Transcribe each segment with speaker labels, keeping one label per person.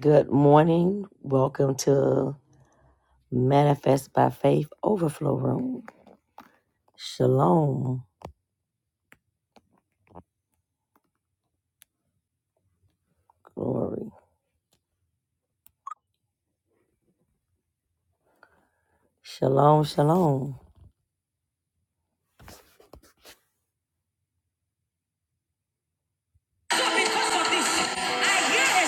Speaker 1: Good morning. Welcome to Manifest by Faith Overflow Room. Shalom. Glory. Shalom, shalom. I hear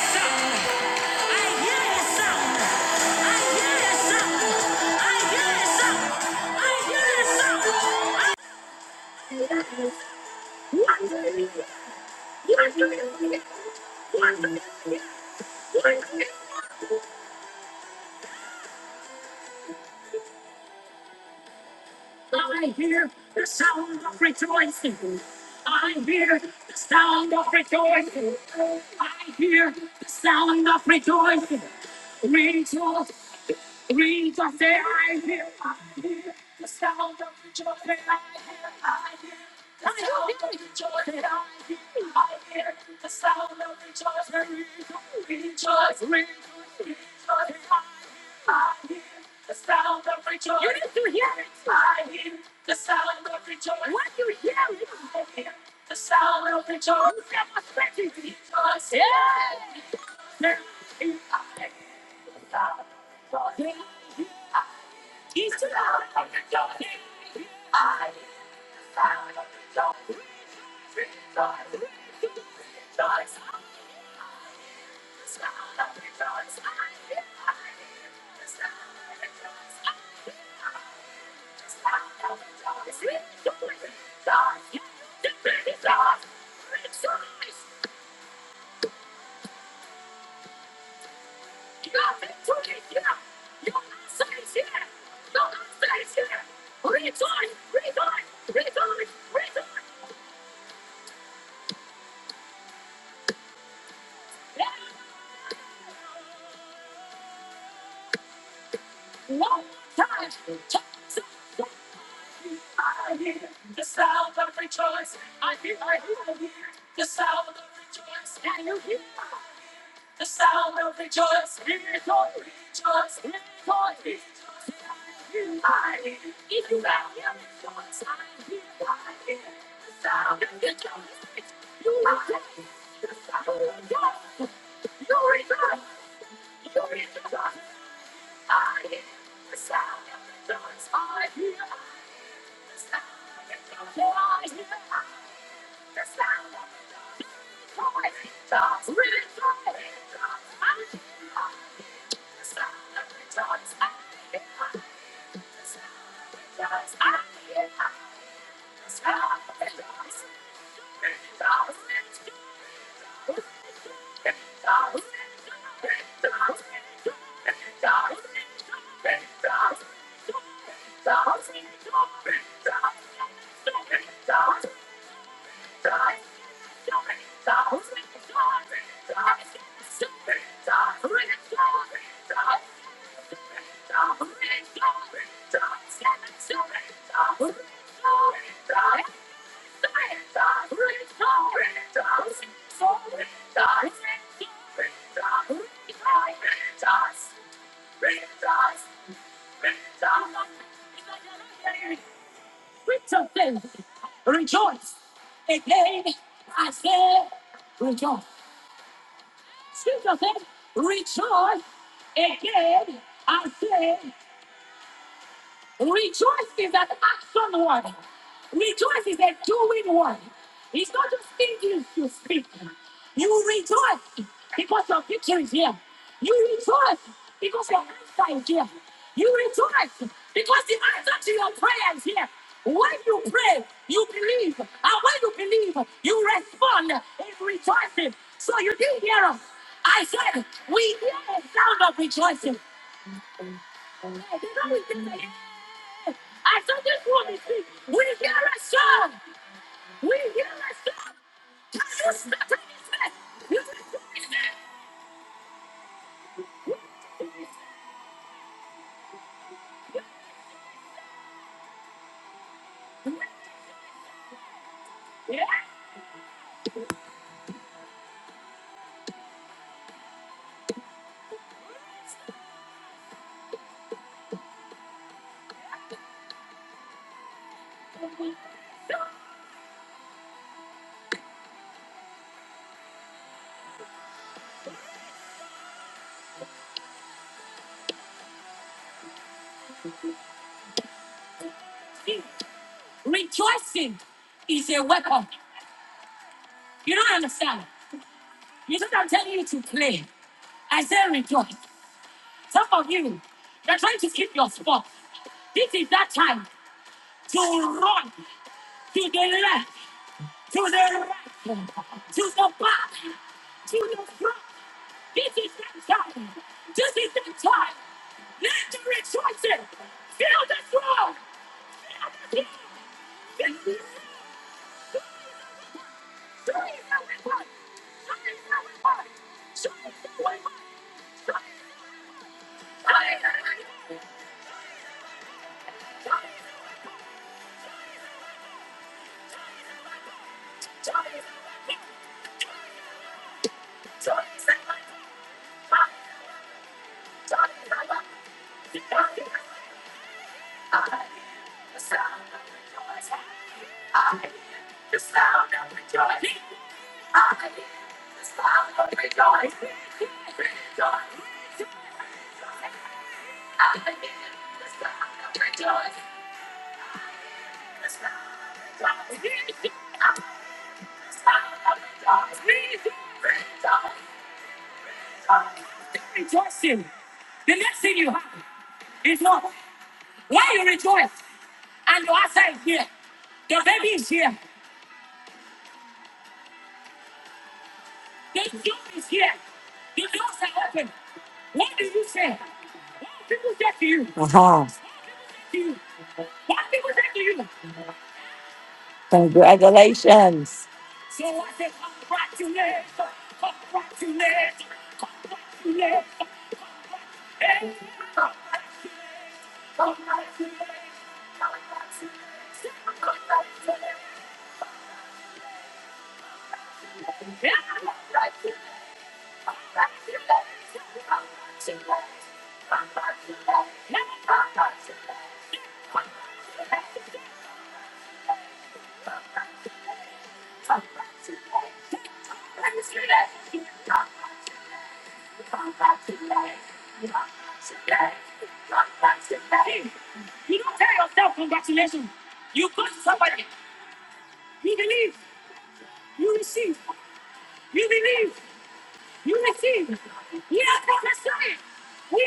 Speaker 1: something.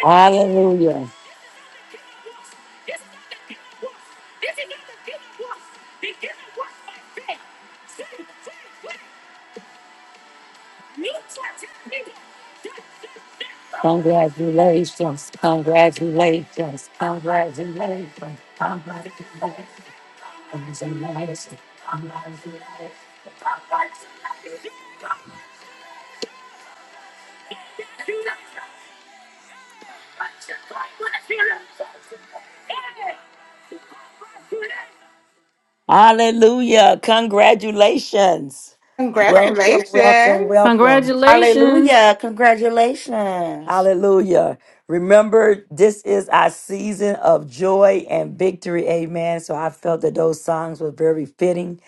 Speaker 1: Hallelujah. Hallelujah. Congratulations. Welcome, welcome,
Speaker 2: Congratulations.
Speaker 1: welcome.
Speaker 3: Congratulations.
Speaker 4: Hallelujah. Congratulations.
Speaker 1: Hallelujah. Remember, this is our season of joy and victory. Amen. So I felt that those songs were very fitting.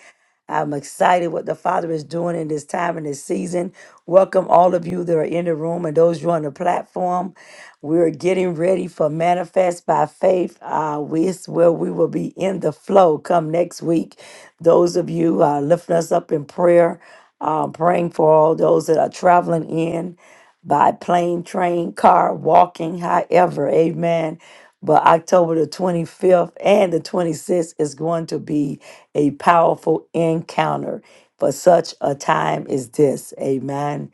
Speaker 1: I'm excited what the Father is doing in this time and this season. Welcome all of you that are in the room and those who are on the platform. We're getting ready for Manifest by Faith. Uh, we, it's where we will be in the flow come next week. Those of you uh, lifting us up in prayer, uh, praying for all those that are traveling in by plane, train, car, walking, however. Amen. But October the 25th and the 26th is going to be a powerful encounter for such a time as this. Amen.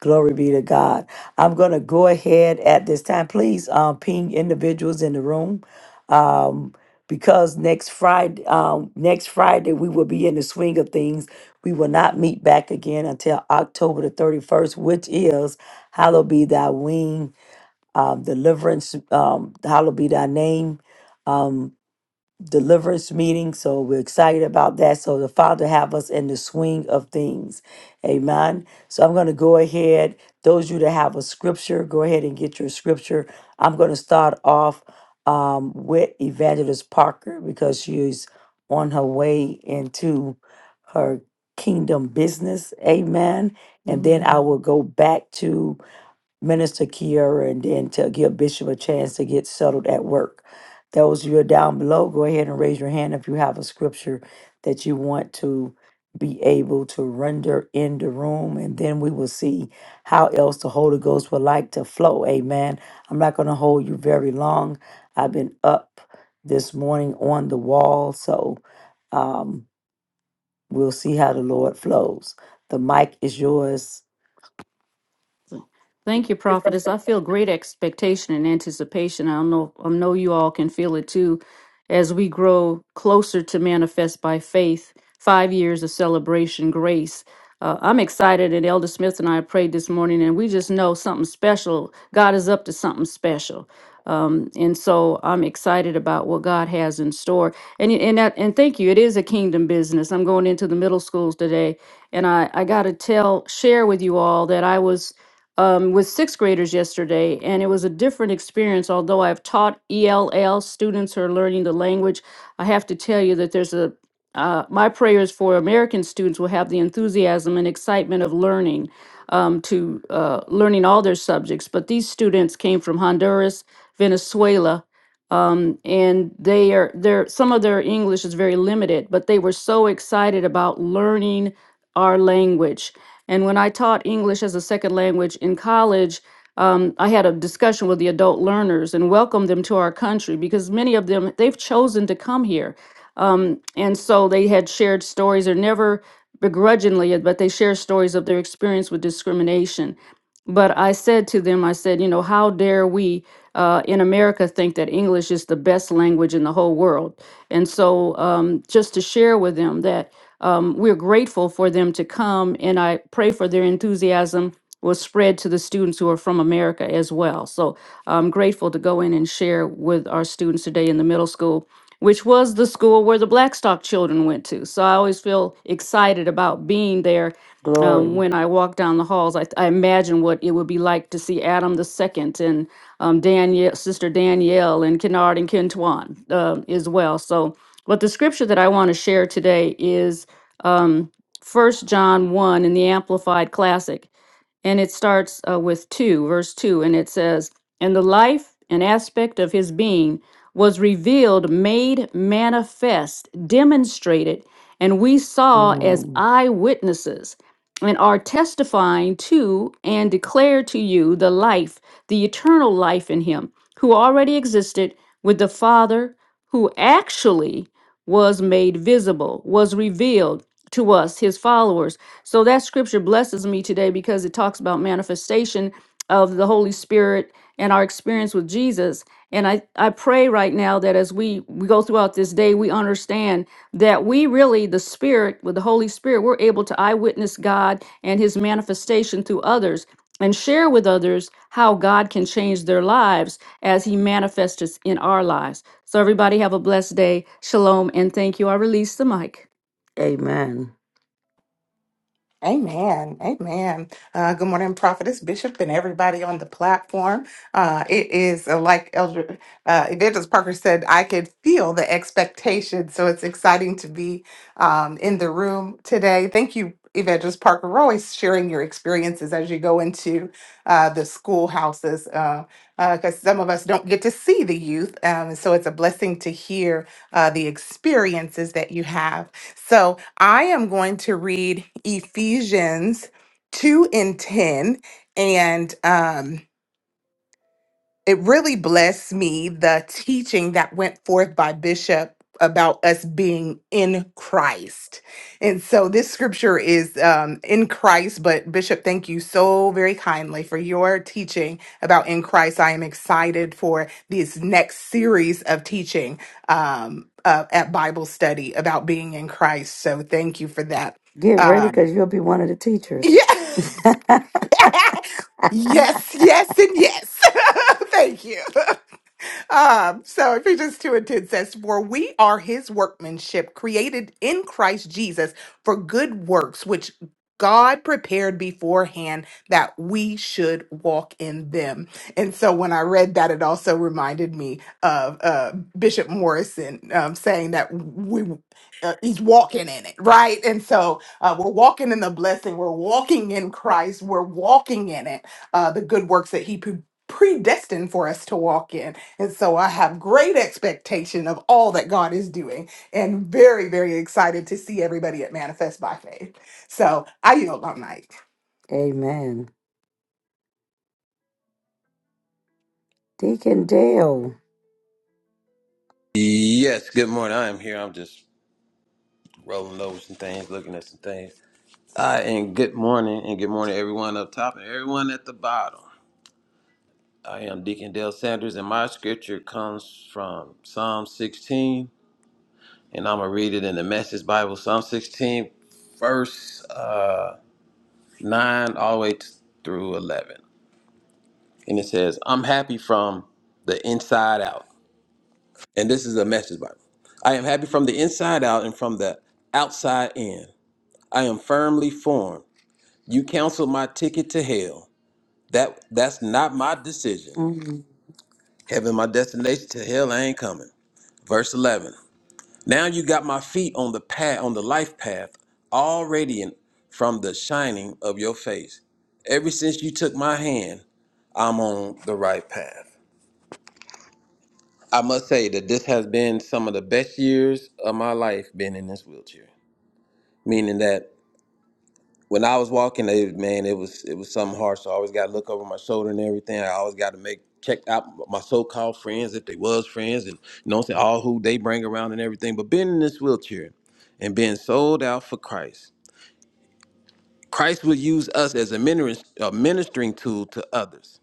Speaker 1: Glory be to God. I'm going to go ahead at this time. Please um, ping individuals in the room um, because next Friday, um, next Friday we will be in the swing of things. We will not meet back again until October the 31st, which is Hallowed be Thy Wing uh, deliverance. Um, hallowed be thy name deliverance meeting. So we're excited about that. So the Father have us in the swing of things. Amen. So I'm going to go ahead. Those of you that have a scripture, go ahead and get your scripture. I'm going to start off um, with Evangelist Parker because she's on her way into her kingdom business. Amen. And
Speaker 3: Amen.
Speaker 1: then I will go back to Minister Kiara and then to give Bishop a chance to get settled at work. Those of you are down below, go ahead and raise your hand if you have a scripture that you want to be able to render in the room, and then we will see how else the Holy Ghost would like to flow. Amen. I'm not going to hold you very long. I've been up this morning on the wall, so um, we'll see how the Lord flows. The mic is yours.
Speaker 3: Thank you, prophetess. I feel great expectation and anticipation. I know I know you all can feel it too as we grow closer to manifest by faith. Five years of celebration grace. Uh, I'm excited, and Elder Smith and I prayed this morning, and we just know something special. God is up to something special, um, and so I'm excited about what God has in store. And and that, and thank you. It is a kingdom business. I'm going into the middle schools today, and I I got to tell share with you all that I was um, with sixth graders yesterday, and it was a different experience. Although I've taught ELL students who are learning the language, I have to tell you that there's a uh, my prayers for American students will have the enthusiasm and excitement of learning um, to uh, learning all their subjects. But these students came from Honduras, Venezuela, um, and they are their some of their English is very limited, but they were so excited about learning our language and when I taught English as a second language in college, um, I had a discussion with the adult learners and welcomed them to our country because many of them, they've chosen to come here. Um, and so they had shared stories or never begrudgingly, but they share stories of their experience with discrimination. But I said to them, I said, you know, how dare we uh, in America think that English is the best language in the whole world? And so um, just to share with them that um, we're grateful for them to come, and I pray for their enthusiasm will spread to the students who are from America as well. So I'm grateful to go in and share with our students today in the middle school which was the school where the Blackstock children went to. So I always feel excited about being there. Um,
Speaker 1: Glory.
Speaker 3: when I walk down the halls, I, I imagine what it would be like to see Adam the Second and um, Danielle, Sister Danielle, and Kennard and Kentuan um as well. So, but the scripture that I want to share today is um, 1 John 1 in the Amplified Classic and it starts uh, with 2, verse 2, and it says, And the life and aspect of his being was revealed, made manifest, demonstrated, and we saw as
Speaker 1: Mm,
Speaker 3: eyewitnesses and are testifying to and declare to you the life, the eternal life in him, who already existed with the Father, who actually was made visible, was revealed to us, his followers. So that scripture blesses me today because it talks about manifestation of the Holy Spirit and our experience with Jesus. And I, I pray right now that as we, we go throughout this day, we understand that we really, the Spirit, with the Holy Spirit, we're able to eyewitness God and His manifestation through others and share with others how God can change their lives as He manifests in our lives. So everybody have a blessed day. Shalom and thank you. I release the mic.
Speaker 1: amen.
Speaker 2: Amen. Amen. Uh, good morning, Prophetess Bishop, and everybody on the platform. Uh, it is uh, like Elder uh, Evangelist Parker said, I could feel the expectation. So it's exciting to be um, in the room today. Thank you, Evangelist Parker, for always sharing your experiences as you go into uh, the schoolhouses, because uh, uh 'cause some of us don't get to see the youth. Um, so it's a blessing to hear uh, the experiences that you have. So I am going to read Ephesians 2 and 10. And um, it really blessed me the teaching that went forth by bishop about us being in christ and so this scripture is um, in christ but bishop thank you so very kindly for your teaching about in christ i am excited for this next series of teaching um, uh, at bible study about being in christ so thank you for that
Speaker 1: Get ready
Speaker 2: um,
Speaker 1: because you'll be one of the teachers.
Speaker 2: yeah. yes yes and yes thank you Um, so Ephesians 2 and 10 says, For we are his workmanship, created in Christ Jesus for good works, which God prepared beforehand that we should walk in them. And so when I read that, it also reminded me of uh, Bishop Morrison um, saying that we uh, he's walking in it, right? And so uh, we're walking in the blessing, we're walking in Christ, we're walking in it, uh, the good works that he pre- predestined for us to walk in. And so I have great expectation of all that God is doing and very, very excited to see everybody at Manifest by Faith. So I yield my mic.
Speaker 1: Amen. Deacon Dale.
Speaker 5: Yes, good morning. I am here. I'm just rolling over some things, looking at some things. Uh, and good morning, and good morning, everyone up top and everyone at the bottom. I am Deacon Dale Sanders, and my scripture comes from Psalm 16, and I'm going to read it in the Message Bible. Psalm 16, verse uh, 9, all the way t- through 11. And it says, I'm happy from the inside out. And this is the Message Bible. I am happy from the inside out and from the outside in. I am firmly formed. You canceled my ticket to hell. That that's not my decision.
Speaker 1: Mm,
Speaker 5: Heaven my destination to hell I ain't coming. Verse 11. Now you got my feet on the path on the life path, all radiant from the shining of your face. Ever since you took my hand, I'm on the right path. I must say that this has been some of the best years of my life being in this wheelchair. Meaning that when I was walking, it, man, it was it was something hard. So I always got to look over my shoulder and everything. I always got to make check out my so-called friends if they was friends, and you know, what I'm saying all who they bring around and everything. But being in this wheelchair and being sold out for Christ, Christ will use us as a, minister, a ministering tool to others.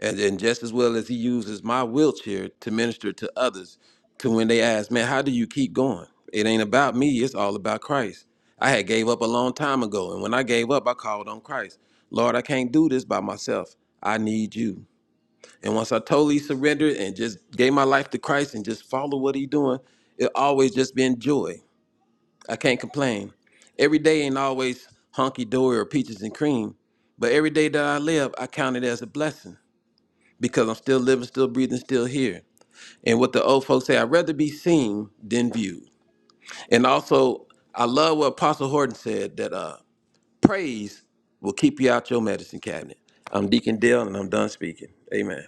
Speaker 5: And, and just as well as he uses my wheelchair to minister to others, to when they ask, man, how do you keep going? It ain't about me, it's all about Christ. I had gave up a long time ago, and when I gave up, I called on Christ. Lord, I can't do this by myself. I need you. And once I totally surrendered and just gave my life to Christ and just follow what He's doing, it always just been joy. I can't complain. Every day ain't always honky dory or peaches and cream, but every day that I live, I count it as a blessing because I'm still living, still breathing, still here. And what the old folks say, I'd rather be seen than viewed. And also, I love what Apostle Horton said that uh, praise will keep you out your medicine cabinet. I'm Deacon Dale, and I'm done speaking. Amen.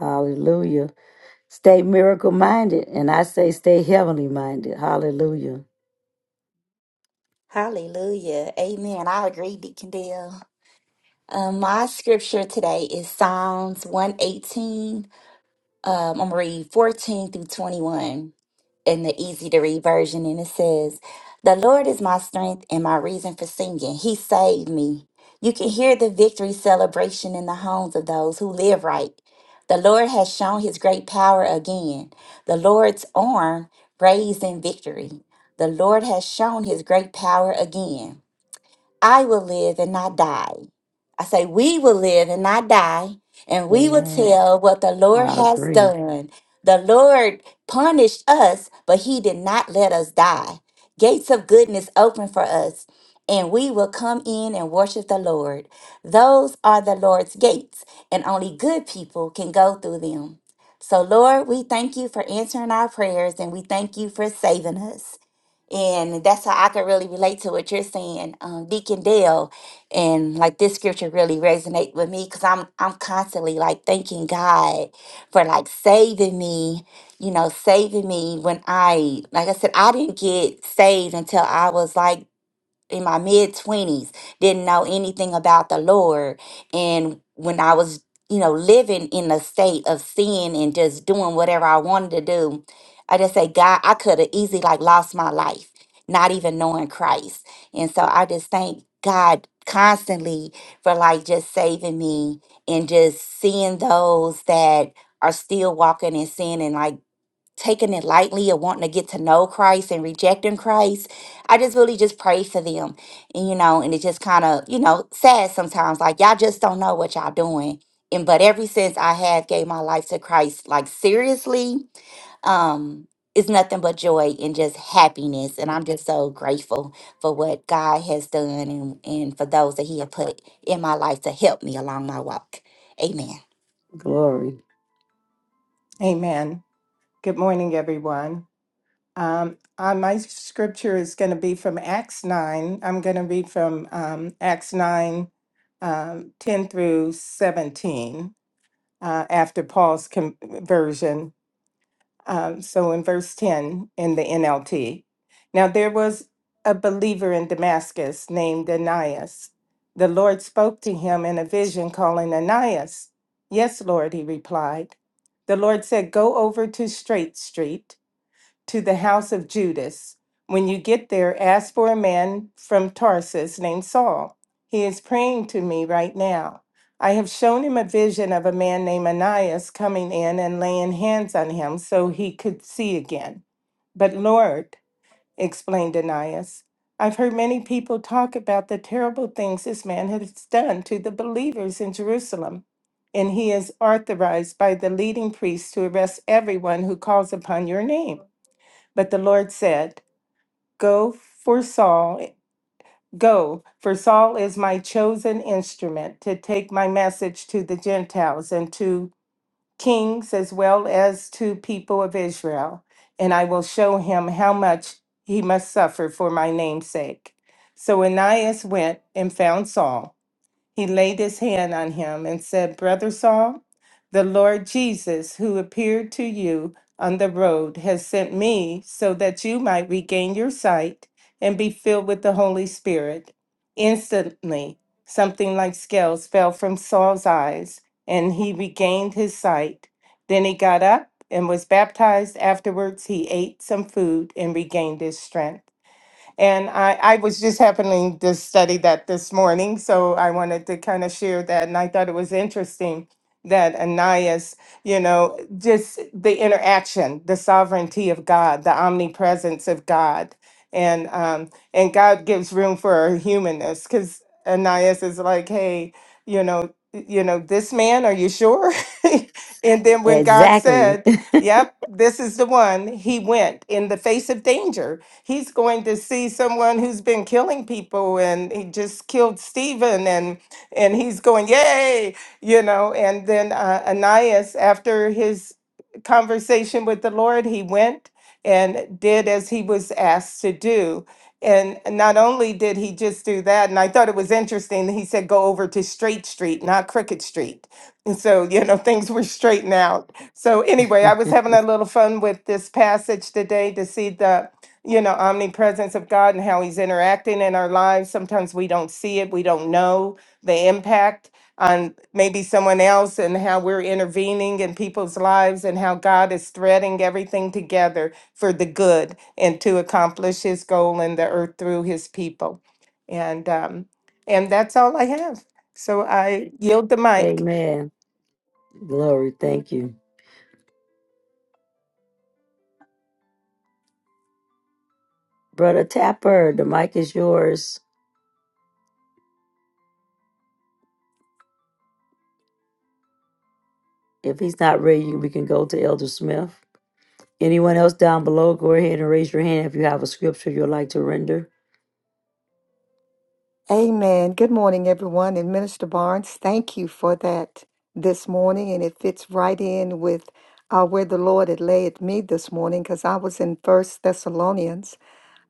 Speaker 1: hallelujah. Stay miracle minded. And I say stay heavenly minded. Hallelujah.
Speaker 4: Hallelujah. Amen. I agree, Deacon Dale. Um, my scripture today is Psalms 118. Um, I'm gonna read 14 through 21 in the easy to read version, and it says, The Lord is my strength and my reason for singing. He saved me. You can hear the victory celebration in the homes of those who live right. The Lord has shown his great power again. The Lord's arm raised in victory. The Lord has shown his great power again. I will live and not die. I say, we will live and not die, and we will
Speaker 1: Amen.
Speaker 4: tell what the Lord
Speaker 1: I
Speaker 4: has
Speaker 1: agree.
Speaker 4: done. The Lord punished us, but he did not let us die. Gates of goodness open for us, and we will come in and worship the Lord. Those are the Lord's gates, and only good people can go through them. So, Lord, we thank you for answering our prayers, and we thank you for saving us. And that's how I could really relate to what you're saying, um, Deacon Dale. And like this scripture really resonate with me because I'm I'm constantly like thanking God for like saving me, you know, saving me when I like I said, I didn't get saved until I was like in my mid 20s didn't know anything about the lord and when i was you know living in a state of sin and just doing whatever i wanted to do i just say god i could have easily like lost my life not even knowing christ and so i just thank god constantly for like just saving me and just seeing those that are still walking in sin and like taking it lightly or wanting to get to know Christ and rejecting Christ. I just really just pray for them. And you know, and it just kind of, you know, sad sometimes. Like y'all just don't know what y'all doing. And but ever since I have gave my life to Christ, like seriously, um, it's nothing but joy and just happiness. And I'm just so grateful for what God has done and, and for those that He had put in my life to help me along my walk. Amen.
Speaker 1: Glory.
Speaker 6: Amen. Good morning, everyone. Um, uh, my scripture is going to be from Acts 9. I'm going to read from um, Acts 9, um, 10 through 17 uh, after Paul's conversion. Um, so in verse 10 in the NLT, now there was a believer in Damascus named Ananias. The Lord spoke to him in a vision, calling Ananias. Yes, Lord, he replied. The Lord said, Go over to Straight Street to the house of Judas. When you get there, ask for a man from Tarsus named Saul. He is praying to me right now. I have shown him a vision of a man named Ananias coming in and laying hands on him so he could see again. But Lord, explained Ananias, I've heard many people talk about the terrible things this man has done to the believers in Jerusalem, and he is authorized by the leading priests to arrest everyone who calls upon your name. But the Lord said, Go for Saul, go, for Saul is my chosen instrument to take my message to the Gentiles and to kings as well as to people of Israel. And I will show him how much he must suffer for my name's sake. So Ananias went and found Saul he laid his hand on him and said, Brother Saul, the Lord Jesus, who appeared to you on the road, has sent me so that you might regain your sight and be filled with the Holy Spirit. Instantly, something like scales fell from Saul's eyes, and he regained his sight. Then he got up and was baptized. Afterwards, he ate some food and regained his strength. And I, I was just happening to study that this morning, so I wanted to kind of share that. And I thought it was interesting that Ananias, you know, just the interaction, the sovereignty of God, the omnipresence of God. And um, and God gives room for our humanness because Ananias is like, hey, you know, you know, this man, are you sure? and then when God
Speaker 1: Exactly.
Speaker 6: said, Yep, this is the one. He went in the face of danger he's going to see someone who's been killing people and he just killed Stephen and and he's going yay you know and then uh, Ananias after his conversation with the Lord he went and did as he was asked to do and not only did he just do that and I thought it was interesting that he said go over to Straight Street not Crooked Street and so you know things were straightened out so anyway I was having a little fun with this passage today to see the you know, omnipresence of God and how He's interacting in our lives. Sometimes we don't see it, we don't know the impact on maybe someone else and how we're intervening in people's lives and how God is threading everything together for the good and to accomplish His goal in the earth through His people. And um, and that's all I have. So I yield the mic.
Speaker 1: Amen. Glory. Thank you. Brother Tapper, the mic is yours. If he's not ready, you- we can go to Elder Smith. Anyone else down below, go ahead and raise your hand if you have a scripture you'd like to render.
Speaker 7: Amen. Good morning, everyone. And Minister Barnes, thank you for that this morning. And it fits right in with uh, where the Lord had laid me this morning because I was in First Thessalonians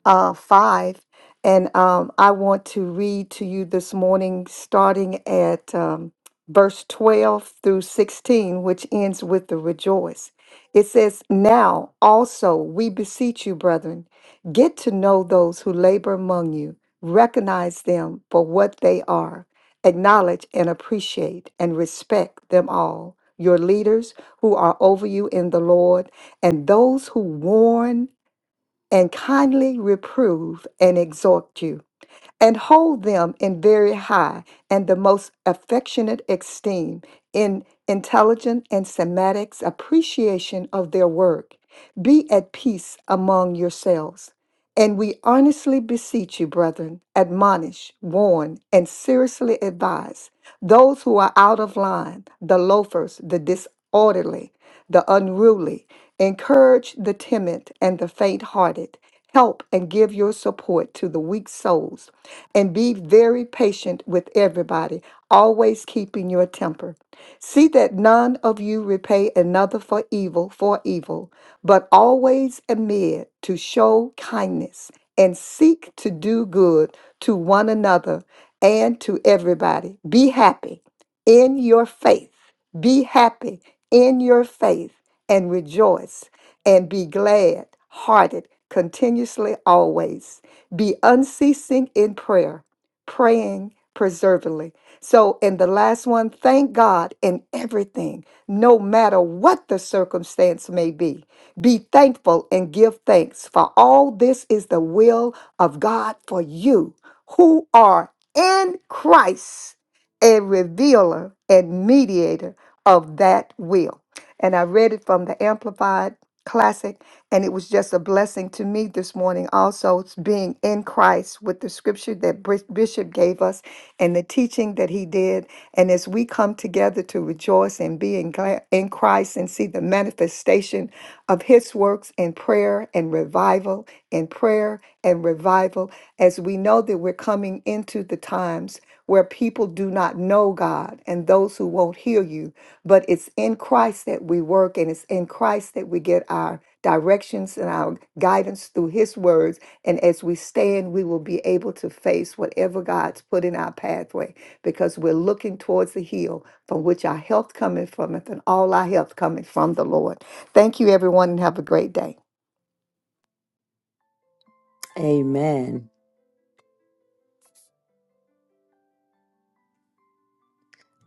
Speaker 7: uh, 5. And um, I want to read to you this morning, starting at um, verse 12 through 16, which ends with the rejoice. It says, Now also we beseech you, brethren, get to know those who labor among you, recognize them for what they are, acknowledge and appreciate and respect them all, your leaders who are over you in the Lord, and those who warn and kindly reprove and exhort you and hold them in very high and the most affectionate esteem in intelligent and semantics appreciation of their work. Be at peace among yourselves. And we earnestly beseech you, brethren, admonish, warn, and seriously advise those who are out of line, the loafers, the disorderly, the unruly, encourage the timid and the faint hearted, help and give your support to the weak souls and be very patient with everybody, always keeping your temper. See that none of you repay another for evil for evil, but always amid to show kindness and seek to do good to one another and to everybody. Be happy in your faith. Be happy in your faith and rejoice and be glad hearted continuously always. Be unceasing in prayer, praying perseveringly. So, in the last one, thank God in everything, no matter what the circumstance may be. Be thankful and give thanks, for all this is the will of God for you who are in Christ, a revealer and mediator of that will. And I read it from the Amplified classic and it was just a blessing to me this morning also s- being in christ with the scripture that Bris- bishop gave us and the teaching that he did and as we come together to rejoice and be in, gla- in christ and see the manifestation of his works in prayer and revival in prayer and revival as we know that we're coming into the times where people do not know god and those who won't hear you but it's in Christ that we work and it's in Christ that we get our directions and our guidance through his words and as we stand we will be able to face whatever God's put in our pathway because we're looking towards the hill from which our health cometh from and all our health coming from the Lord. Thank you everyone and have a great day.
Speaker 1: Amen.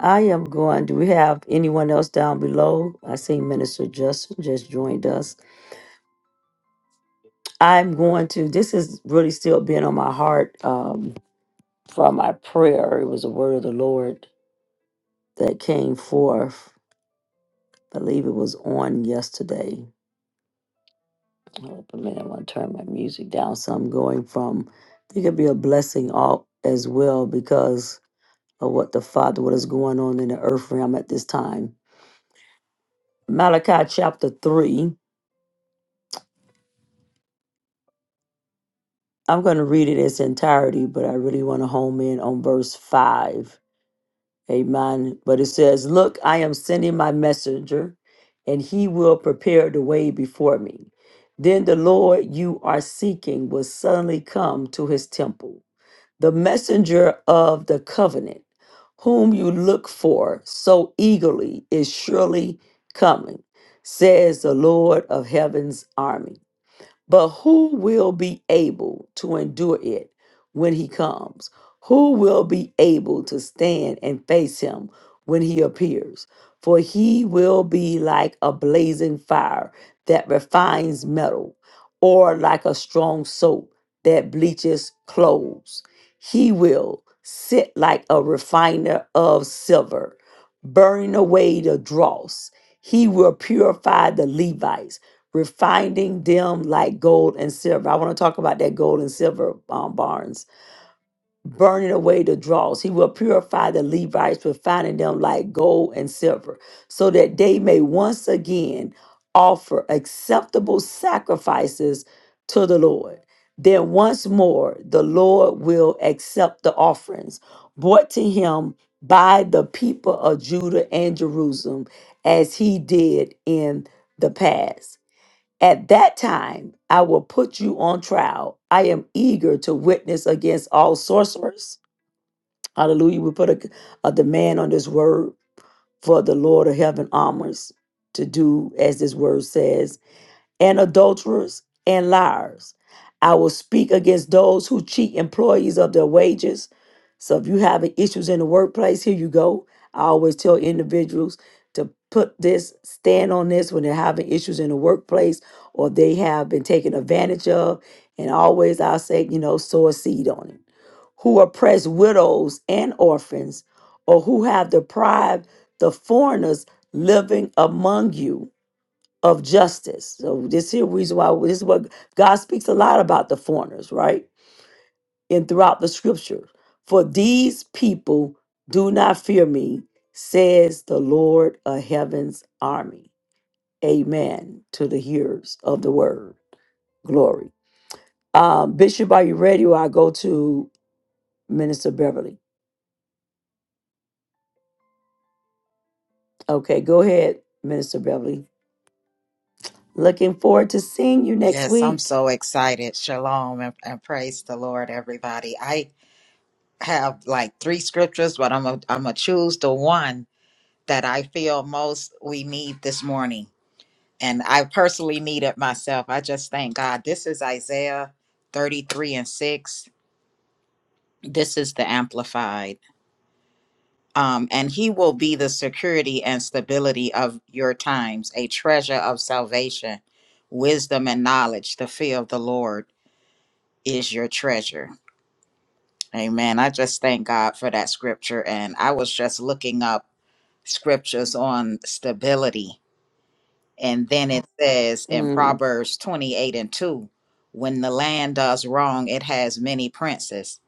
Speaker 1: I am going. Do we have anyone else down below? I see Minister Justin just joined us. I'm going to. This is really still been on my heart um, from my prayer. It was a word of the Lord that came forth. I believe it was on yesterday. Hold up a minute. I want to turn my music down. So I'm going from, I think it'd be a blessing all as well because of what the Father, what is going on in the earth realm at this time. Malachi chapter 3. I'm going to read it in its entirety, but I really want to home in on verse 5. Amen. But it says, Look, I am sending my messenger, and he will prepare the way before me. Then the Lord you are seeking will suddenly come to his temple. the messenger of the covenant, whom you look for so eagerly, is surely coming, says the Lord of heaven's armies. But who will be able to endure it when he comes? Who will be able to stand and face him when he appears? For he will be like a blazing fire that refines metal, or like a strong soap that bleaches clothes. He will sit like a refiner of silver, burning away the dross. He will purify the Levites refining them like gold and silver. I want to talk about that gold and silver um, barns, burning away the dross. He will purify the Levites, refining them like gold and silver, so that they may once again offer acceptable sacrifices to the Lord. Then once more, the Lord will accept the offerings brought to him by the people of Judah and Jerusalem, as he did in the past. At that time, I will put you on trial. I am eager to witness against all sorcerers. Hallelujah. We put a, a demand on this word for the Lord of heaven armors to do as this word says and adulterers and liars. I will speak against those who cheat employees of their wages. So if you have issues in the workplace, here you go. I always tell individuals to put this, stand on this when they're having issues in the workplace or they have been taken advantage of. And always I'll say, you know, sow a seed on it. Who oppress widows and orphans, or who have deprived the foreigners living among you of justice. So this here reason why this is what God speaks a lot about the foreigners, right? And throughout the scriptures. For these people do not fear me, says the Lord of heaven's army. Amen to the hearers of the word. Glory. Um, Bishop, are you ready? Or I go to Minister Beverly. Okay, go ahead, Minister Beverly. Looking forward to seeing you next
Speaker 8: Yes, I'm
Speaker 1: week.
Speaker 8: so excited. Shalom and, and praise the Lord, everybody. I have like three scriptures, but I'm a, I'm gonna choose the one that I feel most we need this morning, and I personally need it myself. I just thank God. This is Isaiah 33 and 6. This is the Amplified. Um, and he will be the security and stability of your times, a treasure of salvation, wisdom and knowledge. The fear of the Lord is your treasure. Amen. I just thank God for that scripture. And I was just looking up scriptures on stability. And then it says in
Speaker 1: Mm.
Speaker 8: Proverbs 28 and 2 when the land does wrong, it has many princes.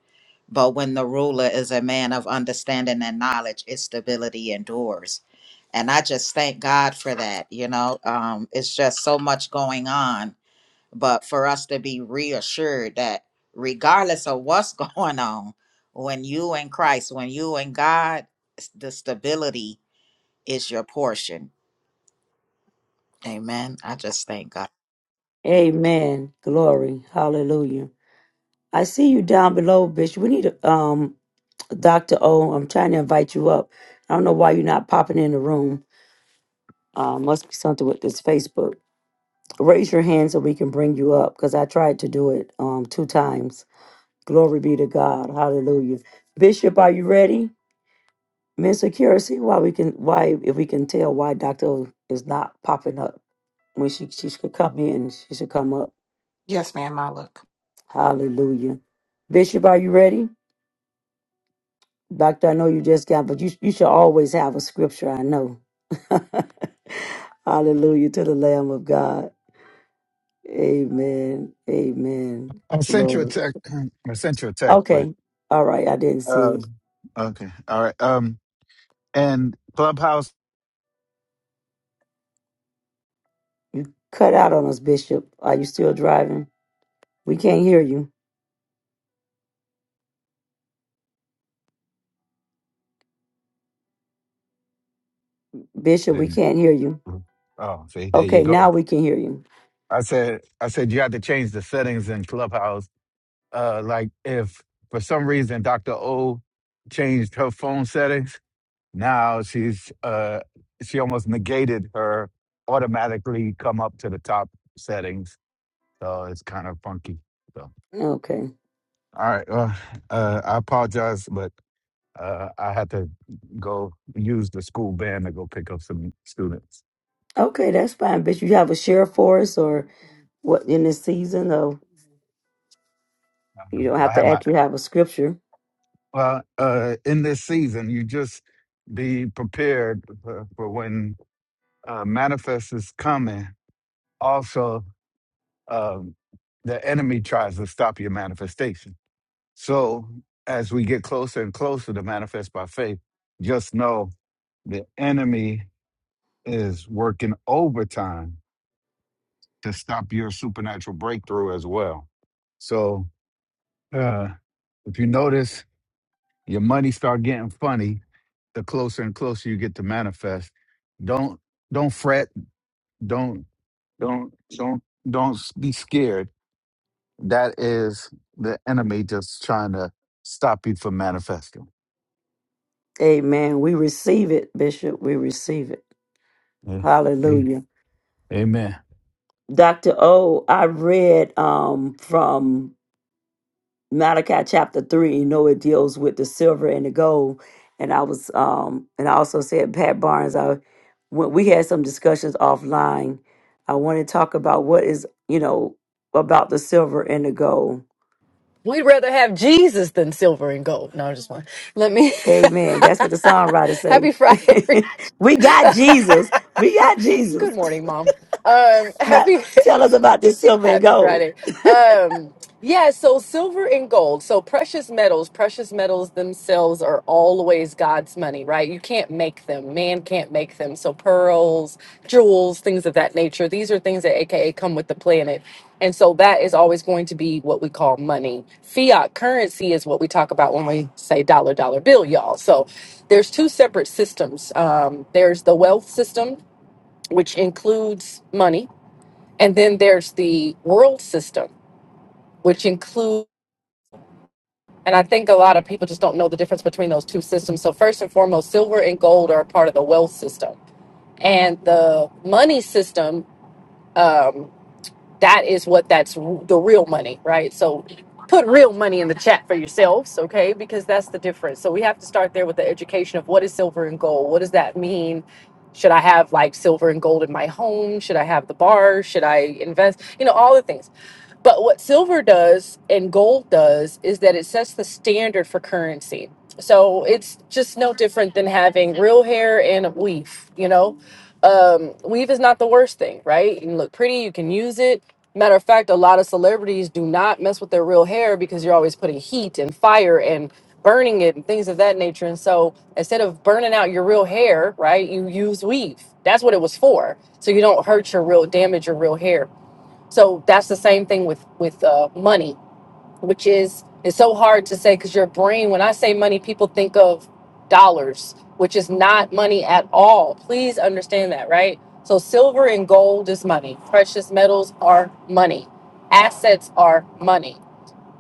Speaker 8: But when the ruler is a man of understanding and knowledge, its stability endures. And I just thank God for that. You know, um, it's just so much going on but for us to be reassured that regardless of what's going on, when you in Christ, when you in God, s- the stability is your portion. Amen. I just thank God.
Speaker 1: Amen. Glory. Hallelujah. I see you down below, bitch. We need a um Dr. O. I'm trying to invite you up. I don't know why you're not popping in the room. Uh, must be something with this Facebook. Raise your hand so we can bring you up because I tried to do it um two times. Glory be to God. Hallelujah. Bishop, are you ready? Miss Accuracy, why we can why if we can tell why Dr. O is not popping up. When she she should come in, she should come up.
Speaker 2: Yes, ma'am, I look.
Speaker 1: Hallelujah. Bishop, are you ready? Doctor, I know you just got, but you you should always have a scripture. I know. Hallelujah to the Lamb of God. Amen. Amen.
Speaker 9: I sent you a
Speaker 1: Glory.
Speaker 9: text. I sent you a text, but
Speaker 1: Okay. All right. I didn't see it.
Speaker 9: um, okay, all right. Um, and Clubhouse
Speaker 1: Cut out on us, Bishop. Are you still driving? We can't hear you, Bishop. We
Speaker 9: didn't.
Speaker 1: can't hear you.
Speaker 9: Oh, see, there you
Speaker 1: Okay, now
Speaker 9: go.
Speaker 1: we can hear you.
Speaker 9: I said, I said you had to change the settings in Clubhouse. Uh, like if for some reason Doctor O changed her phone settings, now she's uh, she almost negated her automatically come up to the top settings. So it's kind of funky. So
Speaker 1: Okay.
Speaker 9: all right, well, uh, I apologize, but. uh, I had to go use the school van to go pick up some students.
Speaker 1: Okay, that's fine. But you have a share for us or what in this season though you don't
Speaker 9: Um,
Speaker 1: have
Speaker 9: I
Speaker 1: to
Speaker 9: had my
Speaker 1: actually have a scripture.
Speaker 9: well uh, in this season. You just be prepared for, for when uh, manifest is coming. Also, um, the enemy tries to stop your manifestation. So as we get closer and closer to manifest by faith, just know the enemy is working overtime to stop your supernatural breakthrough as well. So Uh, if you notice, your money start getting funny the closer and closer you get to manifest. Don't don't fret. Don't don't don't don't s- be scared. That is the enemy just trying to stop you from manifesting.
Speaker 1: Amen. We receive it, Bishop. We receive it.
Speaker 9: Eh, eh,
Speaker 1: Hallelujah.
Speaker 9: Amen.
Speaker 1: Dr. O, I read um from Malachi chapter three, you know it deals with the silver and the gold. And I was um and I also said Pat Barnes, I when we had some discussions offline. I want to talk about what is, you know, about the silver and the gold
Speaker 10: We'd rather have Jesus than silver and gold. No, I'm just one. Let me.
Speaker 1: Amen. That's what the songwriter say.
Speaker 10: happy Friday. every-
Speaker 1: we got Jesus. We got
Speaker 10: Good
Speaker 1: Jesus.
Speaker 10: morning, Mom. Um,
Speaker 1: Now
Speaker 10: happy.
Speaker 1: tell us about this silver and
Speaker 10: Happy
Speaker 1: gold.
Speaker 10: Friday. Um, yeah, so silver and gold. So precious metals, precious metals themselves are always God's money, right? You can't make them. Man can't make them. So pearls, jewels, things of that nature. These are things that AKA come with the planet. And so that is always going to be what we call money. Fiat currency is what we talk about when we say dollar dollar bill, y'all. So there's two separate systems. Um, there's the wealth system, which includes money and then there's the world system, which includes, and I think a lot of people just don't know the difference between those two systems. So, first and foremost, silver and gold are a part of the wealth system. And the money system um, that is what that's the real money, right? So put real money in the chat for yourselves, okay? Because that's the difference. So we have to start there with the education of what is silver and gold? What does that mean? Should I have like silver and gold in my home? Should I have the bar? Should I invest? You know, all the things. But what silver does and gold does is that it sets the standard for currency. So it's just no different than having real hair and a weave, you know? um, weave is not the worst thing, right? You can look pretty, you can use it. Matter of fact, a lot of celebrities do not mess with their real hair because you're always putting heat and fire and burning it and things of that nature. And so instead of burning out your real hair, right, you use weave. That's what it was for. So you don't hurt your real damage your real hair. So that's the same thing with with uh, money which is it's so hard to say because your brain when i say money people think of dollars which is not money at all please understand that right so silver and gold is money precious metals are money assets are money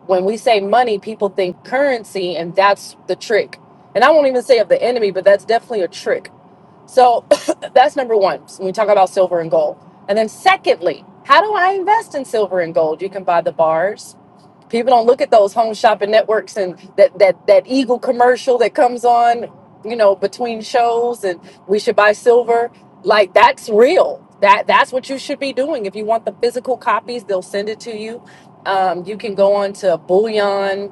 Speaker 10: when we say money people think currency and that's the trick and i won't even say of the enemy but that's definitely a trick so that's number one. When we talk about silver and gold. And then, secondly, how do I invest in silver and gold? You can buy the bars. People don't look at those home shopping networks and that that that Eagle commercial that comes on, you know, between shows and we should buy silver. Like that's real. That that's what you should be doing. If you want the physical copies, they'll send it to you. Um, you can go on to bullion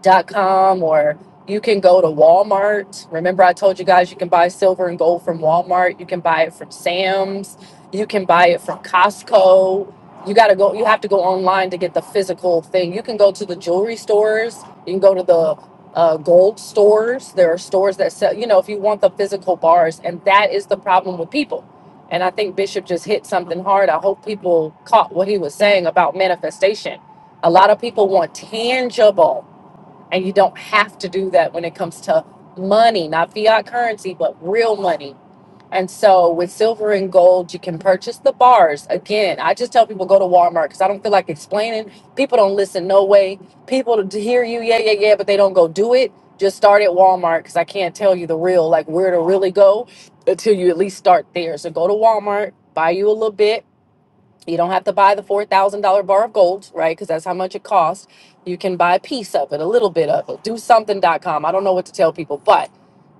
Speaker 10: Dot com or you can go to Walmart. Remember, I told you guys you can buy silver and gold from Walmart. You can buy it from Sam's. You can buy it from Costco. You gotta go. You have to go online to get the physical thing. You can go to the jewelry stores. You can go to the uh, gold stores. There are stores that sell. You know, if you want the physical bars, and that is the problem with people. And I think Bishop just hit something hard. I hope people caught what he was saying about manifestation. A lot of people want tangible and you don't have to do that when it comes to money, not fiat currency, but real money. And so with silver and gold, you can purchase the bars. Again, I just tell people go to Walmart because I don't feel like explaining. People don't listen, no way. People to hear you, yeah, yeah, yeah, but they don't go do it. Just start at Walmart because I can't tell you the real, like where to really go until you at least start there. So go to Walmart, buy you a little bit you don't have to buy the $4,000 bar of gold, right? Because that's how much it costs. You can buy a piece of it, a little bit of it. Do something dot com. I don't know what to tell people, but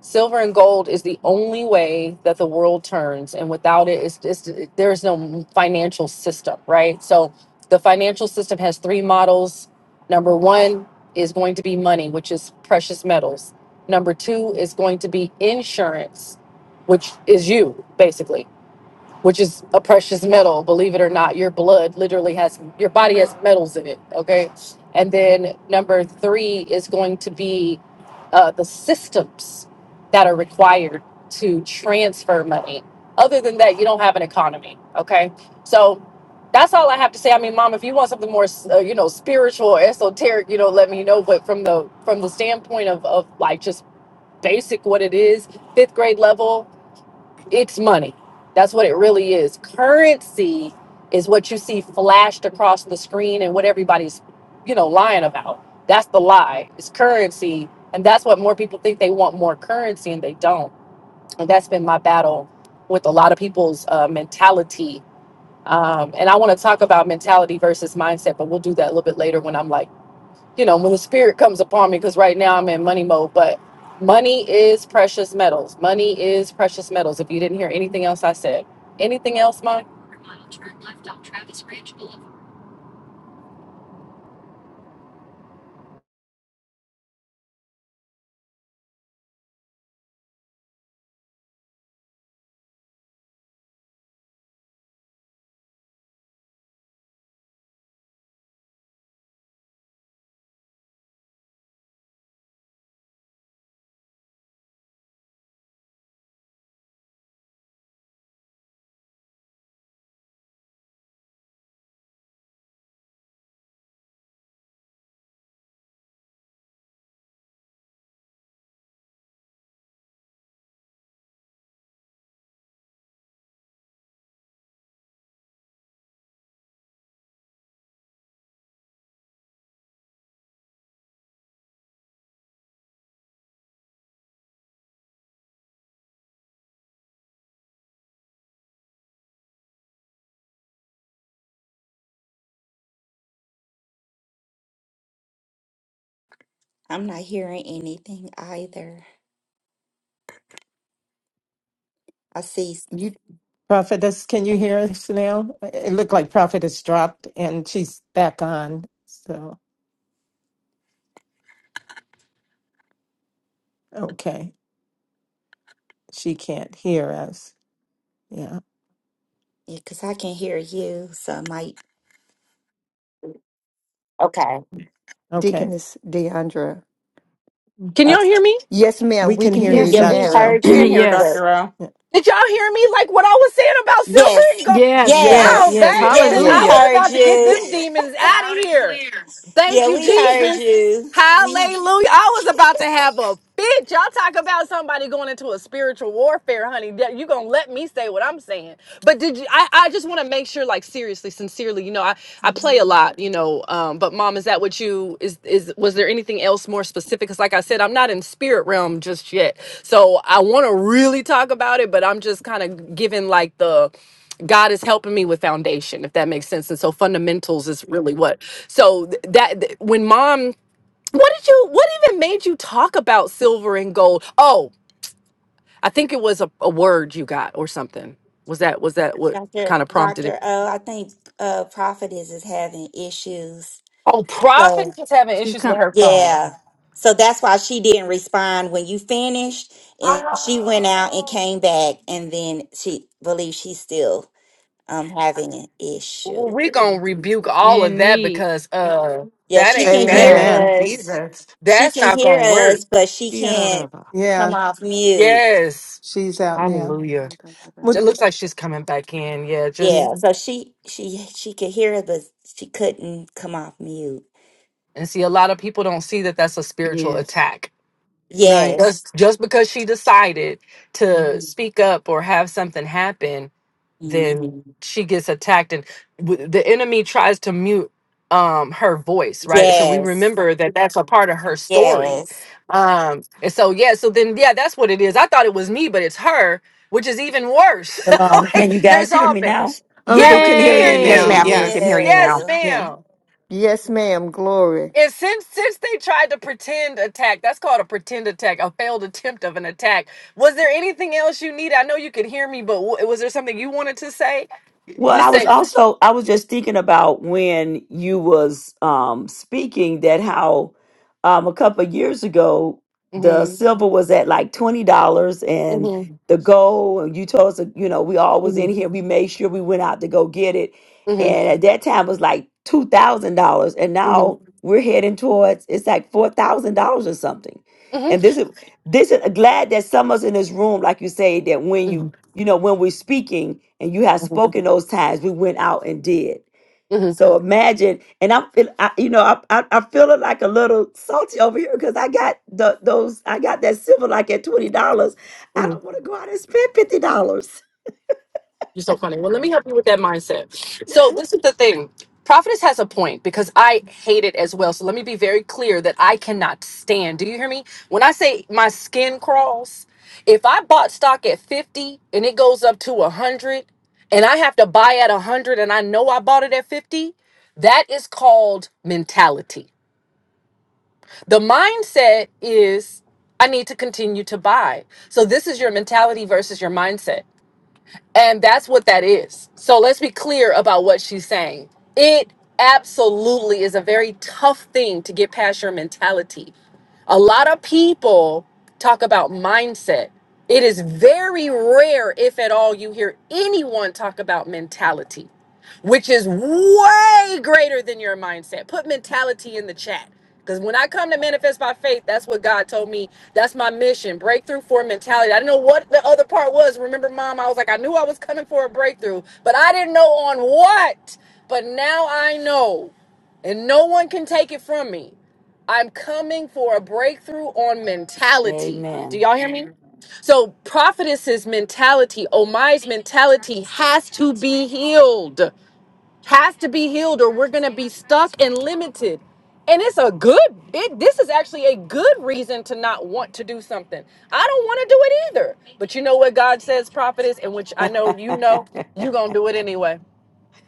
Speaker 10: silver and gold is the only way that the world turns. And without it, it's, it's, there is no financial system, right? So the financial system has three models. Number one is going to be money, which is precious metals. Number two is going to be insurance, which is you, basically which is a precious metal. Believe it or not, your blood literally has your body has metals in it. Okay, and then number three is going to be uh, the systems that are required to transfer money. Other than that, you don't have an economy. Okay, so that's all I have to say. I mean, mom, if you want something more, uh, you know, spiritual, or esoteric, you know, let me know. But from the from the standpoint of of like just basic what it is, fifth grade level it's money. That's what it really is. Currency is what you see flashed across the screen and what everybody's, you know, lying about. That's the lie. It's currency. And that's what more people think they want more currency and they don't. And that's been my battle with a lot of people's uh, mentality. Um, and I want to talk about mentality versus mindset, but we'll do that a little bit later when I'm like you know, when the spirit comes upon me, because right now I'm in money mode, but money is precious metals. Money is precious metals. If you didn't hear anything else I said, anything else, Mom?
Speaker 4: I'm not hearing anything either. I see
Speaker 7: You
Speaker 6: Prophetess, can you hear us now? It looked like Prophetess dropped and she's back on. So, okay. She can't hear us. Yeah.
Speaker 4: Yeah, Because I can hear you, so I might. Okay.
Speaker 6: Okay.
Speaker 7: Deaconess Deandra.
Speaker 10: Can
Speaker 6: Mhm.
Speaker 10: y'all
Speaker 4: Okay.
Speaker 10: hear me?
Speaker 7: Yes, ma'am.
Speaker 6: We
Speaker 7: We
Speaker 6: can
Speaker 7: can
Speaker 6: hear
Speaker 7: hear
Speaker 6: you,
Speaker 3: Yes,
Speaker 4: Yeah,
Speaker 7: you
Speaker 4: we
Speaker 6: Dr.
Speaker 7: now.
Speaker 6: O.
Speaker 4: heard
Speaker 2: I can hear
Speaker 4: you,
Speaker 3: yes,
Speaker 4: but
Speaker 2: Dr. O.
Speaker 6: Yeah.
Speaker 10: Did y'all hear me? Like what I was saying about silver
Speaker 4: yes,
Speaker 10: and gold?
Speaker 3: yes, yes,
Speaker 10: Oh,
Speaker 4: yes,
Speaker 6: Yes.
Speaker 3: yes.
Speaker 6: Y-
Speaker 10: baby,
Speaker 4: yes,
Speaker 10: because
Speaker 4: we
Speaker 10: I was
Speaker 7: Yes.
Speaker 3: Hallelujah.
Speaker 4: heard
Speaker 10: about to get
Speaker 4: you.
Speaker 10: them demons out of here. Thank
Speaker 4: yeah,
Speaker 10: you,
Speaker 4: we heard
Speaker 10: Jesus.
Speaker 4: you. We,
Speaker 10: Hallelujah. I was about to have a fit. Y'all talk about somebody going into a spiritual warfare, honey. Yeah, You gonna let me say what I'm saying. But did you I, I just wanna make sure, like seriously, sincerely, you know, I, I play a lot, you know, um, but mom, is that what you is is was there anything else more specific? Because like I said, I'm not in spirit realm just yet. So I wanna really talk about it, but I'm just kind of giving like the God is helping me with foundation, if that makes sense. And so fundamentals is really what. So th- that th- when mom what did you? What even made you talk about silver and gold? Oh, I think it was a, a word you got or something. Was that was that what
Speaker 4: Doctor,
Speaker 10: kind of prompted it?
Speaker 4: Doctor O, I think uh, Prophetess is having issues.
Speaker 10: Oh, Prophet
Speaker 4: So
Speaker 10: is having
Speaker 3: She's
Speaker 10: issues with
Speaker 3: come
Speaker 10: her phone.
Speaker 4: yeah, so that's why she didn't respond when you finished, and she went out and
Speaker 10: Oh,
Speaker 4: came back, and then she believes she's still um having an
Speaker 10: well,
Speaker 4: issue.
Speaker 10: we're gonna rebuke all of
Speaker 3: in
Speaker 10: that
Speaker 3: need.
Speaker 10: because uh,
Speaker 4: Yeah,
Speaker 10: that
Speaker 4: she
Speaker 10: ain't
Speaker 4: can
Speaker 2: In the
Speaker 10: that
Speaker 4: hear
Speaker 2: name
Speaker 7: Amen.
Speaker 6: Amen.
Speaker 2: of
Speaker 4: us.
Speaker 2: Jesus.
Speaker 4: She
Speaker 10: that's
Speaker 4: can
Speaker 10: not
Speaker 4: hear
Speaker 10: gonna work.
Speaker 4: us, but she
Speaker 3: Yes.
Speaker 4: can't come
Speaker 6: Yeah.
Speaker 4: off mute.
Speaker 10: Yes,
Speaker 6: She's out now.
Speaker 10: Hallelujah. It
Speaker 6: Would-
Speaker 10: looks like she's coming back in. Yeah,
Speaker 6: Yeah.
Speaker 10: just
Speaker 4: Yeah, so she she she could hear us, but she couldn't come off mute.
Speaker 10: and see a lot of people don't see that that's a spiritual attack.
Speaker 6: Right.
Speaker 4: Yes.
Speaker 10: just just because she decided to
Speaker 4: Mhm.
Speaker 10: speak up or have something happen then
Speaker 4: Mhm.
Speaker 10: she gets attacked and w- the enemy tries to mute um her voice right so we
Speaker 4: Yes.
Speaker 10: remember that that's a part of her story
Speaker 4: Yes.
Speaker 10: um and so yeah so then yeah that's what it is i thought it was me but it's her which is even worse
Speaker 1: Shalom.
Speaker 10: Like,
Speaker 1: Can you
Speaker 10: there's
Speaker 1: guys hear
Speaker 10: all
Speaker 1: me
Speaker 10: been
Speaker 1: now?
Speaker 3: Yes.
Speaker 6: Oh,
Speaker 10: yeah
Speaker 6: we
Speaker 10: we
Speaker 6: can
Speaker 10: can
Speaker 6: hear
Speaker 10: hear
Speaker 6: you
Speaker 2: Yes,
Speaker 6: now.
Speaker 3: Yay.
Speaker 10: you
Speaker 2: ma'am, you can
Speaker 6: Yes.
Speaker 2: hear you
Speaker 10: yes
Speaker 2: now.
Speaker 4: Yeah.
Speaker 6: yeah.
Speaker 10: ma'am
Speaker 7: Yes, ma'am. Glory.
Speaker 10: and since since they tried to pretend attack, that's called a pretend attack, a failed attempt of an attack. Was there anything else you needed? I know you could hear me, but w- was there something you wanted to say?
Speaker 1: Well,
Speaker 10: You
Speaker 1: I was
Speaker 10: say.
Speaker 1: also I was just thinking about when you was um speaking that how um a couple of years ago the
Speaker 10: Mhm,
Speaker 1: silver was at like twenty dollars and
Speaker 10: mhm,
Speaker 1: the gold and you told us that, you know we always in
Speaker 10: mhm,
Speaker 1: here we made sure we went out to go get it
Speaker 10: mhm,
Speaker 1: and at that time it was like two thousand dollars and
Speaker 10: mhm,
Speaker 1: now we're heading towards it's like four thousand dollars or something and
Speaker 10: mhm,
Speaker 1: this is this is glad that some of us in this room like you say that when you
Speaker 10: mhm,
Speaker 1: you know, when we're speaking and you have
Speaker 10: mhm,
Speaker 1: spoken those times, we went out and did.
Speaker 10: mhm,
Speaker 1: So imagine, and I'm, feel- I, you know, I, I, I feeling like a little salty over here because I got the those, I got that silver like at twenty dollars. I
Speaker 10: mhm.
Speaker 1: don't want to go out and spend fifty dollars.
Speaker 10: You're so funny. Well, let me help you with that mindset. So, this is the thing. Prophetess has a point because I hate it as well. So, let me be very clear that I cannot stand. Do you hear me? When I say my skin crawls, if I bought stock at 50 and it goes up to 100 and I have to buy at 100 and I know I bought it at 50, that is called mentality. The mindset is I need to continue to buy. So, this is your mentality versus your mindset. And that's what that is. So let's be clear about what she's saying. It absolutely is a very tough thing to get past your mentality. A lot of people talk about mindset. It is very rare, if at all, you hear anyone talk about mentality which is way greater than your mindset. Put mentality in the chat. Because when I come to manifest by faith, that's what God told me. That's my mission. Breakthrough for mentality. I didn't know what the other part was. Remember, mom, I was like, I knew I was coming for a breakthrough, but I didn't know on what. But now I know, and no one can take it from me. I'm coming for a breakthrough on mentality. Do
Speaker 1: Amen.
Speaker 10: y'all hear me? So, prophetess's mentality, Omai's mentality has to be healed has to be healed or we're going to be stuck and limited and it's a good it this is actually a good reason to not want to do something i don't want to do it either but you know what god says prophet is and which i know you know you're going to do it anyway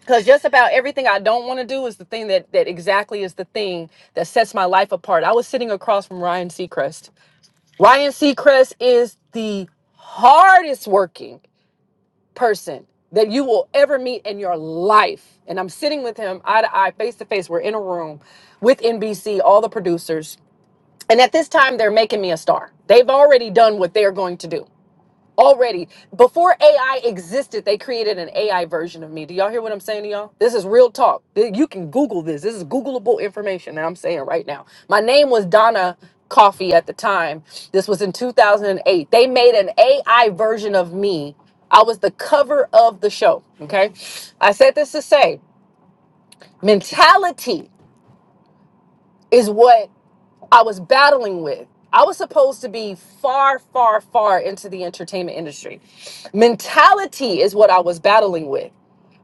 Speaker 10: because just about everything i don't want to do is the thing that that exactly is the thing that sets my life apart i was sitting across from ryan seacrest ryan seacrest is the hardest working person that you will ever meet in your life. And I'm sitting with him eye to eye, face to face. We're in a room with NBC, all the producers. And at this time, they're making me a star. They've already done what they're going to do. Already, before AI existed, they created an AI version of me. Do y'all hear what I'm saying to y'all? This is real talk. Th- You can Google this. This is Googleable information that I'm saying right now. My name was Donna Coffee at the time. This was in 2008. They made an AI version of me. I was the cover of the show. Okay. I said this to say mentality is what I was battling with. I was supposed to be far, far, far into the entertainment industry. Mentality is what I was battling with.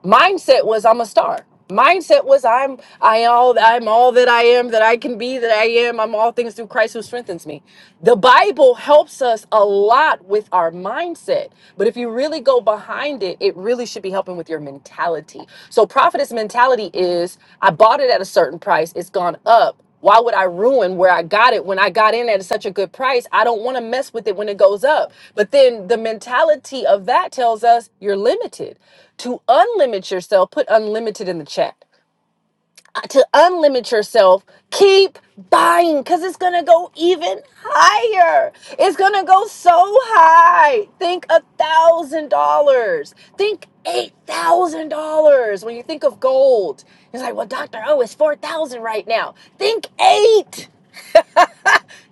Speaker 10: Mindset was I'm a star. Mindset was I'm I all I'm all that I am that I can be that I am. I'm all things through Christ who strengthens me. The Bible helps us a lot with our mindset, but if you really go behind it, it really should be helping with your mentality. So prophetess mentality is I bought it at a certain price. It's gone up. Why would I ruin where I got it when I got in at such a good price? I don't want to mess with it when it goes up. But then the mentality of that tells us you're limited. To unlimit yourself, put unlimited in the chat to unlimit yourself, keep buying because it's going to go even higher. It's going to go so high. Think a thousand dollars. Think eight thousand dollars. When you think of gold, it's like, well, Dr. O it's four thousand right now. Think eight.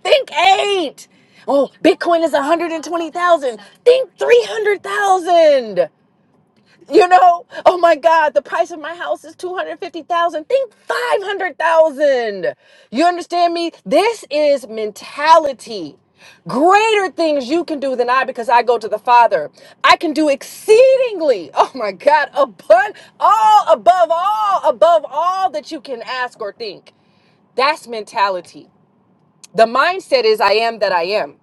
Speaker 10: Think eight. Oh, Bitcoin is 120,000. Think 300,000. You know, oh my God, the price of my house is 250,000. Think 500,000. You understand me? This is mentality. Greater things you can do than I because I go to the Father. I can do exceedingly, oh my God, abun- all above all, above all that you can ask or think. That's mentality. The mindset is I am that I am.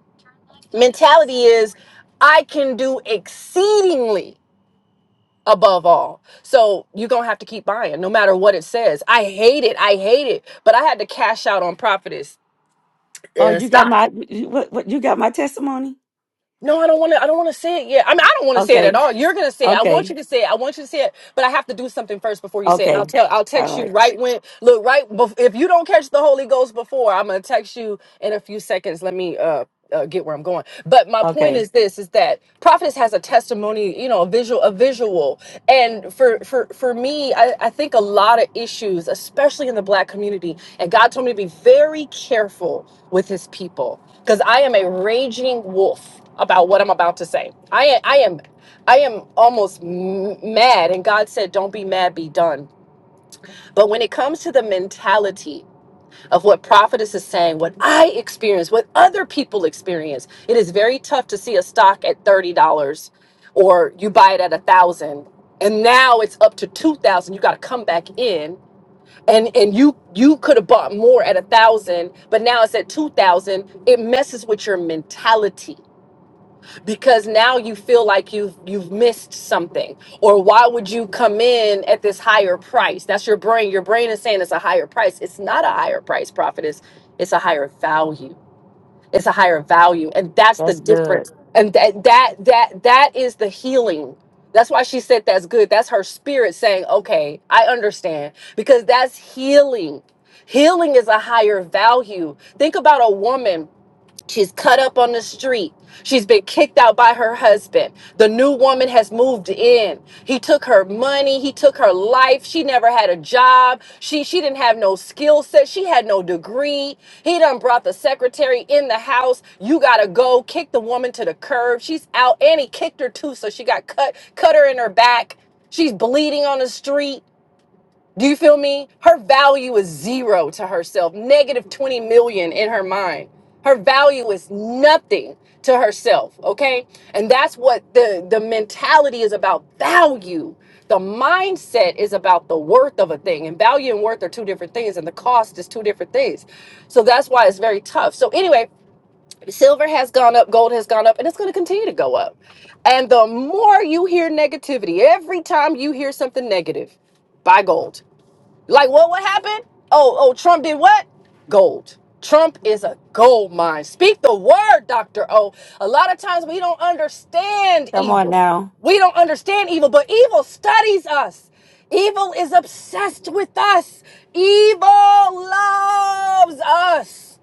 Speaker 10: Mentality is I can do exceedingly above all. So you're gonna have to keep buying, no matter what it says. I hate it. I hate it. But I had to cash out on Prophetess
Speaker 1: Oh,
Speaker 10: uh,
Speaker 1: you got
Speaker 10: stock.
Speaker 1: my, you- what, what, you got my testimony?
Speaker 10: No, I don't want to. I don't want to say it yet. I mean, I don't want to say it at
Speaker 1: Okay.
Speaker 10: all. You're gonna say it. I want
Speaker 1: Okay.
Speaker 10: you to say it. I want you to say it. But I have to do something first before you say it. And
Speaker 1: Okay.
Speaker 10: I'll tell. I'll
Speaker 1: All
Speaker 10: text you
Speaker 1: right.
Speaker 10: right when. Look, right. Bef- if you don't catch the Holy Ghost before, I'm gonna text you in a few seconds. Let me uh, uh get where I'm going. But my point
Speaker 1: Okay.
Speaker 10: is this: is that prophetess has a testimony. You know, a visual, a visual. And for for for me, I, I think a lot of issues, especially in the Black community, and God told me to be very careful with His people because I am a raging wolf about what I'm about to say. I I am I am almost m- mad and God said don't be mad be done. But when it comes to the mentality of what prophetess is saying, what I experience, what other people experience, it is very tough to see a stock at $30 or you buy it at a 1000 and now it's up to 2000 you got to come back in and and you you could have bought more at a thousand but now it's at 2000 it messes with your mentality because now you feel like you've you've missed something or why would you come in at this higher price that's your brain your brain is saying it's a higher price it's not a higher price profit it's it's a higher value it's a higher value and that's the difference and that that that that is the healing that's why she said that's good that's her spirit saying okay i understand because that's healing healing is a higher value think about a woman She's cut up on the street. She's been kicked out by her husband. The new woman has moved in. He took her money. He took her life. She never had a job. She she didn't have no skill set. She had no degree. He done brought the secretary in the house. You gotta go. Kick the woman to the curb. She's out. And he kicked her too, so she got cut, cut her in her back. She's bleeding on the street. Do you feel me? Her value is zero to herself, negative 20 million in her mind. Her value is nothing to herself, okay? And that's what the, the mentality is about value. The mindset is about the worth of a thing, and value and worth are two different things, and the cost is two different things. So that's why it's very tough. So, anyway, silver has gone up, gold has gone up, and it's going to continue to go up. And the more you hear negativity, every time you hear something negative, buy gold. Like what what happened? Oh, oh, Trump did what? Gold. Trump is a gold mine. Speak the word, Dr. O. A lot of times we don't understand
Speaker 1: Come on
Speaker 10: evil.
Speaker 1: now.
Speaker 10: We don't understand evil, but evil studies us. Evil is obsessed with us. Evil loves us.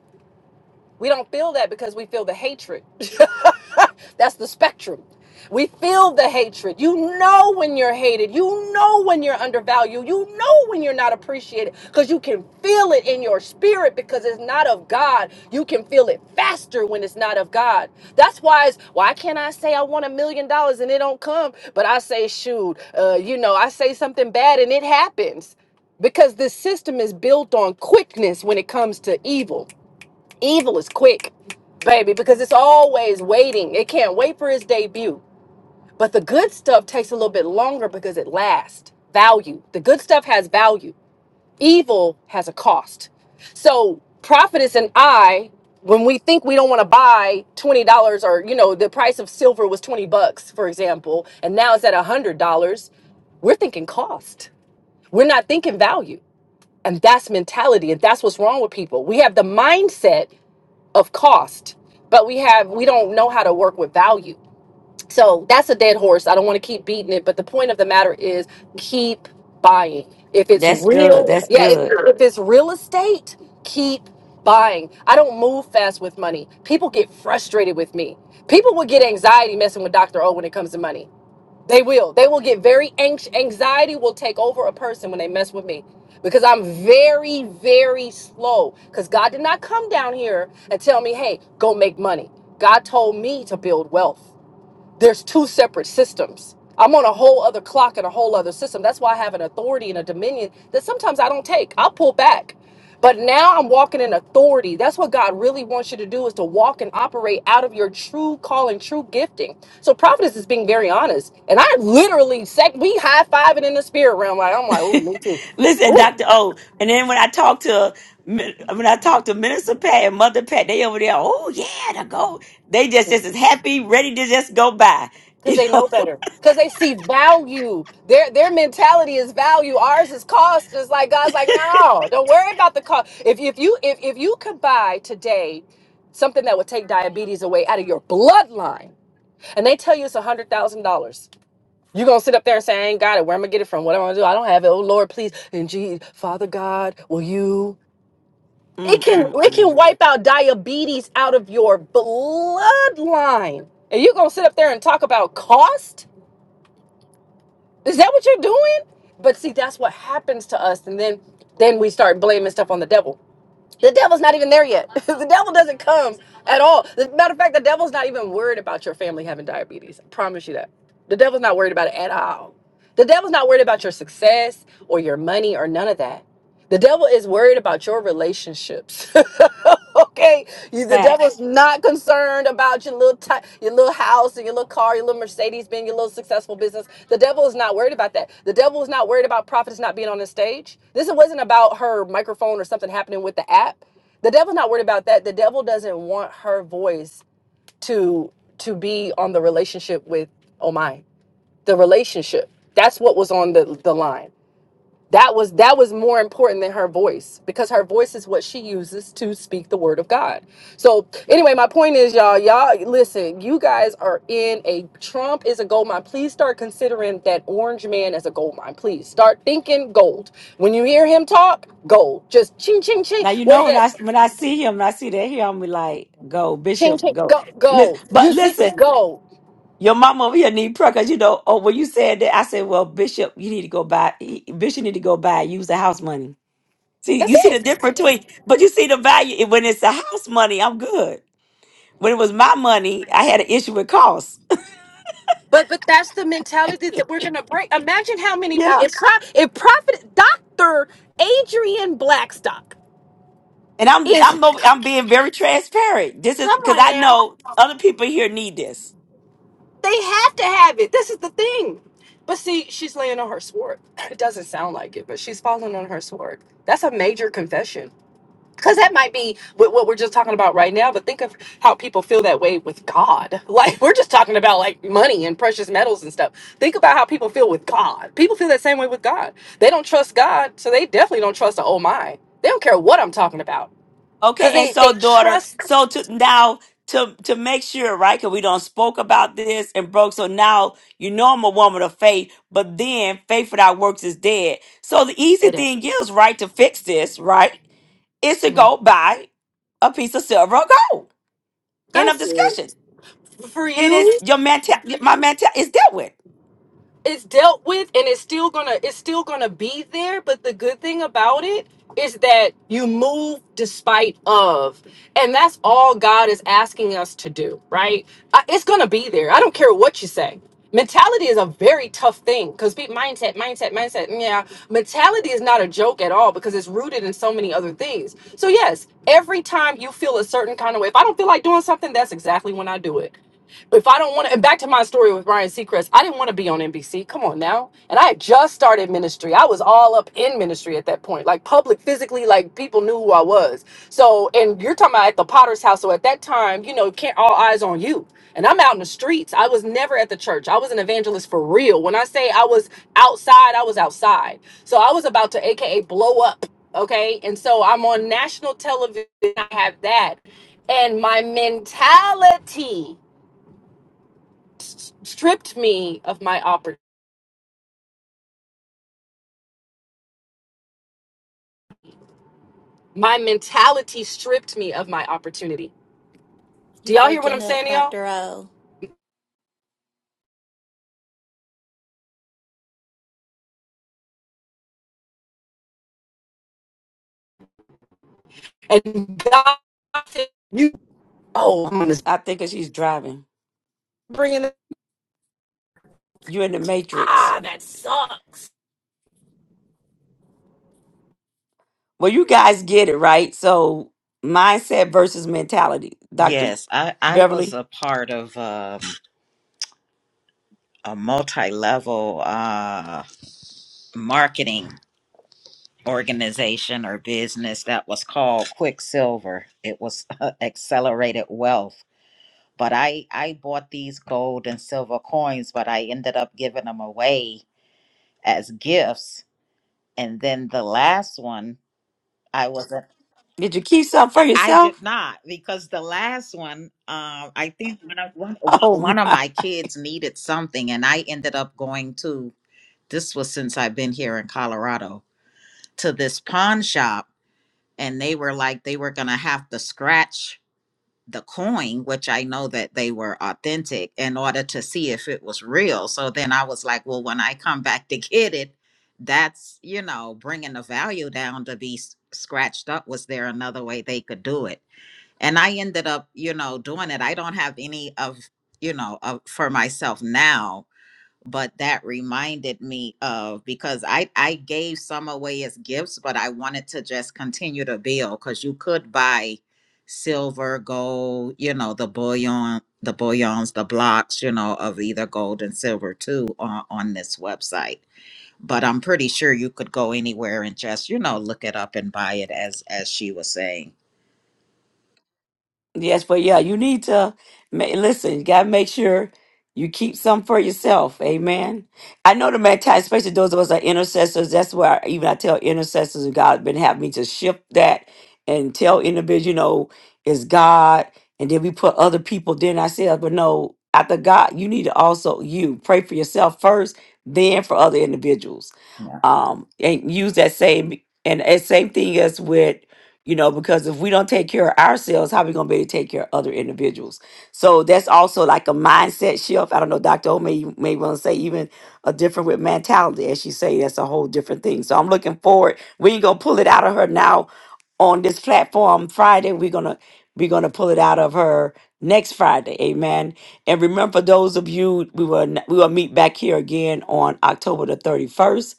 Speaker 10: We don't feel that because we feel the hatred. That's the spectrum. We feel the hatred. You know when you're hated. You know when you're undervalued. You know when you're not appreciated because you can feel it in your spirit because it's not of God. You can feel it faster when it's not of God. That's why it's why can't I say I want a million dollars and it don't come? But I say, shoot, uh, you know, I say something bad and it happens because this system is built on quickness when it comes to evil. Evil is quick, baby, because it's always waiting. It can't wait for its debut. But the good stuff takes a little bit longer because it lasts. Value. The good stuff has value. Evil has a cost. So prophetess and I, when we think we don't want to buy twenty dollars or you know, the price of silver was twenty bucks, for example, and now it's at a hundred dollars, we're thinking cost. We're not thinking value. And that's mentality. And that's what's wrong with people. We have the mindset of cost but we have we don't know how to work with value so that's a dead horse. I don't want to keep beating it, but the point of the matter is keep buying. If it's
Speaker 1: That's good.
Speaker 10: real,
Speaker 1: That's
Speaker 10: yeah, if,
Speaker 1: good.
Speaker 10: if it's real estate, keep buying. I don't move fast with money. People get frustrated with me. People will get anxiety messing with Dr. O when it comes to money. They will. They will get very anxious. Anxiety will take over a person when they mess with me because I'm very, very slow. Because God did not come down here and tell me, hey, go make money. God told me to build wealth there's two separate systems. I'm on a whole other clock and a whole other system. That's why I have an authority and a dominion that sometimes I don't take. I'll pull back. But now I'm walking in authority. That's what God really wants you to do is to walk and operate out of your true calling, true gifting. So prophetess is being very honest. And I literally sec we high fiving in the spirit realm. Like I'm like, oh, me too.
Speaker 1: Listen,
Speaker 10: Ooh.
Speaker 1: Doctor O, and then when I talk to Min- when I talk to Minister Pat and Mother Pat, they over there. Oh yeah, to go. They just just as happy, ready to just go by.
Speaker 10: because
Speaker 1: You
Speaker 10: they know
Speaker 1: know.
Speaker 10: better because they see value their their mentality is value ours is cost it's like god's like no don't worry about the cost if, if you if, if you could buy today something that would take diabetes away out of your bloodline and they tell you it's a hundred thousand dollars you're gonna sit up there and say i ain't got it where am i gonna get it from what am i gonna do i don't have it oh lord please and gee father god will you it
Speaker 1: mm,
Speaker 10: can
Speaker 1: mm,
Speaker 10: it can
Speaker 1: mm.
Speaker 10: wipe out diabetes out of your bloodline and you're gonna sit up there and talk about cost Is that what you're doing? But see, that's what happens to us, and then then we start blaming stuff on the devil. The devil's not even there yet. the devil doesn't come at all. As a matter of fact, the devil's not even worried about your family having diabetes. I promise you that. The devil's not worried about it at all. The devil's not worried about your success or your money or none of that. The devil is worried about your relationships. okay? You, the
Speaker 1: Facts.
Speaker 10: devil's not concerned about your little ti- your little house and your little car, your little Mercedes, being your little successful business. The devil is not worried about that. The devil is not worried about prophets not being on the stage. This wasn't about her microphone or something happening with the app. The devil's not worried about that. The devil doesn't want her voice to to be on the relationship with oh my the relationship. That's what was on the the line that was that was more important than her voice because her voice is what she uses to speak the word of god so anyway my point is y'all y'all listen you guys are in a trump is a gold mine please start considering that orange man as a gold mine please start thinking gold when you hear him talk gold just ching ching ching
Speaker 1: Now you
Speaker 10: what
Speaker 1: know
Speaker 10: is
Speaker 1: when
Speaker 10: that
Speaker 1: I when I see him and I see that here, I'm be like, go
Speaker 10: ching
Speaker 1: Bishop,
Speaker 10: ching
Speaker 1: go.
Speaker 10: go
Speaker 1: Lis-
Speaker 10: gold
Speaker 1: But
Speaker 10: you see
Speaker 1: listen,
Speaker 10: gold
Speaker 1: your mama over here need prayer because you know. Oh, when you said that, I said, well, Bishop, you need to go buy. e, Bishop need to go buy. Use the house money. See,
Speaker 10: that's
Speaker 1: you see the
Speaker 10: it
Speaker 1: difference between, but you see the value it- when it's the house money. I'm good. When it was my money, I had an issue with costs.
Speaker 10: But but that's the mentality that we're gonna break. Imagine how many
Speaker 1: Yeah.
Speaker 10: people if, pro, if profit Doctor Adrian Blackstock
Speaker 1: And I'm
Speaker 10: is
Speaker 1: I'm over- I'm being very transparent. This is because I know other people here need this.
Speaker 10: they have to have it. This is the thing. But see, she's laying on her sword. It doesn't sound like it, but she's falling on her sword. That's a major confession. because that might be what, what we're just talking about right now but think of how people feel that way with god like we're just talking about like money and precious metals and stuff think about how people feel with god people feel that same way with god they don't trust god so they definitely don't trust the oh my they don't care what i'm talking about
Speaker 1: Okay,
Speaker 10: because
Speaker 1: and
Speaker 10: they
Speaker 1: so
Speaker 10: they
Speaker 1: daughter,
Speaker 10: trust
Speaker 1: so to now to to make sure, right? Because we don't spoke about this and broke. So now you know I'm a woman of faith, but then faith without works is dead. So the easy
Speaker 10: they do.
Speaker 1: thing is, right, to fix this, right, is to
Speaker 10: Mhm.
Speaker 1: go buy a piece of silver or gold End of
Speaker 10: that's it
Speaker 1: discussion.
Speaker 10: for
Speaker 1: Then
Speaker 10: you
Speaker 1: it's your mental. My mental is dealt with.
Speaker 10: it's dealt with and it's still gonna it's still gonna be there but the good thing about it is that you move despite of and that's all god is asking us to do right I, it's gonna be there i don't care what you say mentality is a very tough thing because mindset mindset mindset mm, yeah mentality is not a joke at all because it's rooted in so many other things so yes every time you feel a certain kind of way if i don't feel like doing something that's exactly when i do it if I don't want to, and back to my story with Ryan Seacrest, I didn't want to be on NBC. Come on now. And I had just started ministry. I was all up in ministry at that point, like public, physically, like people knew who I was. So, and you're talking about at the Potter's house. So at that time, you know, can't all eyes on you. And I'm out in the streets. I was never at the church. I was an evangelist for real. When I say I was outside, I was outside. So I was about to AKA blow up. Okay. And so I'm on national television. I have that. And my mentality s- stripped me of my oppor- my mentality stripped me of my opportunity. Do
Speaker 4: You
Speaker 10: y'all hear what
Speaker 4: breaking
Speaker 10: I'm
Speaker 4: up,
Speaker 10: saying, y'all?
Speaker 4: Dr. O.
Speaker 10: And God said, "You, oh, I'm gonna
Speaker 1: I think 'cause she's driving.
Speaker 10: bring in
Speaker 1: You're in the matrix.
Speaker 10: ah, that sucks."
Speaker 1: Well, you guys get it right. So mindset versus mentality. Dr.
Speaker 8: Yes, I, I was
Speaker 1: Beverly,
Speaker 8: a part of um, a multi level uh, marketing organization or business that was called Quicksilver. It was Accelerated Wealth but I I bought these gold and silver coins, but I ended up giving them away as gifts. And then the last one, I wasn't.
Speaker 1: did you keep something for
Speaker 8: I I did
Speaker 1: yourself?
Speaker 8: not because the last one, um, I think one of, one, one one
Speaker 1: Oh
Speaker 8: of my kids needed something, and I ended up going to. This was since I've been here in Colorado to this pawn shop, and they were like they were gonna have to scratch the coin, which I know that they were authentic, in order to see if it was real. So then I was like, well, when I come back to get it, that's, you know, bringing the value down to be s- scratched up. Was there another way they could do it? And I ended up, you know, doing it. I don't have any of, you know, of, for myself now but that reminded me of because I I gave some away as gifts, but I wanted to just continue to build because you could buy silver, gold, you know, the bullion, the bullions, the blocks, you know, of either gold and silver too on, on this website. But I'm pretty sure you could go anywhere and just, you know, look it up and buy it as as she was saying.
Speaker 1: Yes, but yeah, you need to ma- listen. You gotta make sure you keep some for yourself. Amen. I know the man, especially those of us that are intercessors. That's where I, even I tell intercessors, and God been having me to shift that and tell individuals, you know, is God, and then we put other people. Then I said, but no, after God, you need to also you pray for yourself first, then for other individuals.
Speaker 8: Yeah.
Speaker 1: Um, and use that same and, and same thing as with you know because if we don't take care of ourselves how we going to be able to take care of other individuals so that's also like a mindset shift i don't know dr o may, you may want to say even a different with mentality as she say that's a whole different thing so i'm looking forward we ain't going to pull it out of her now on this platform friday we're going to we're going to pull it out of her next friday amen and remember for those of you we will we will meet back here again on october the 31st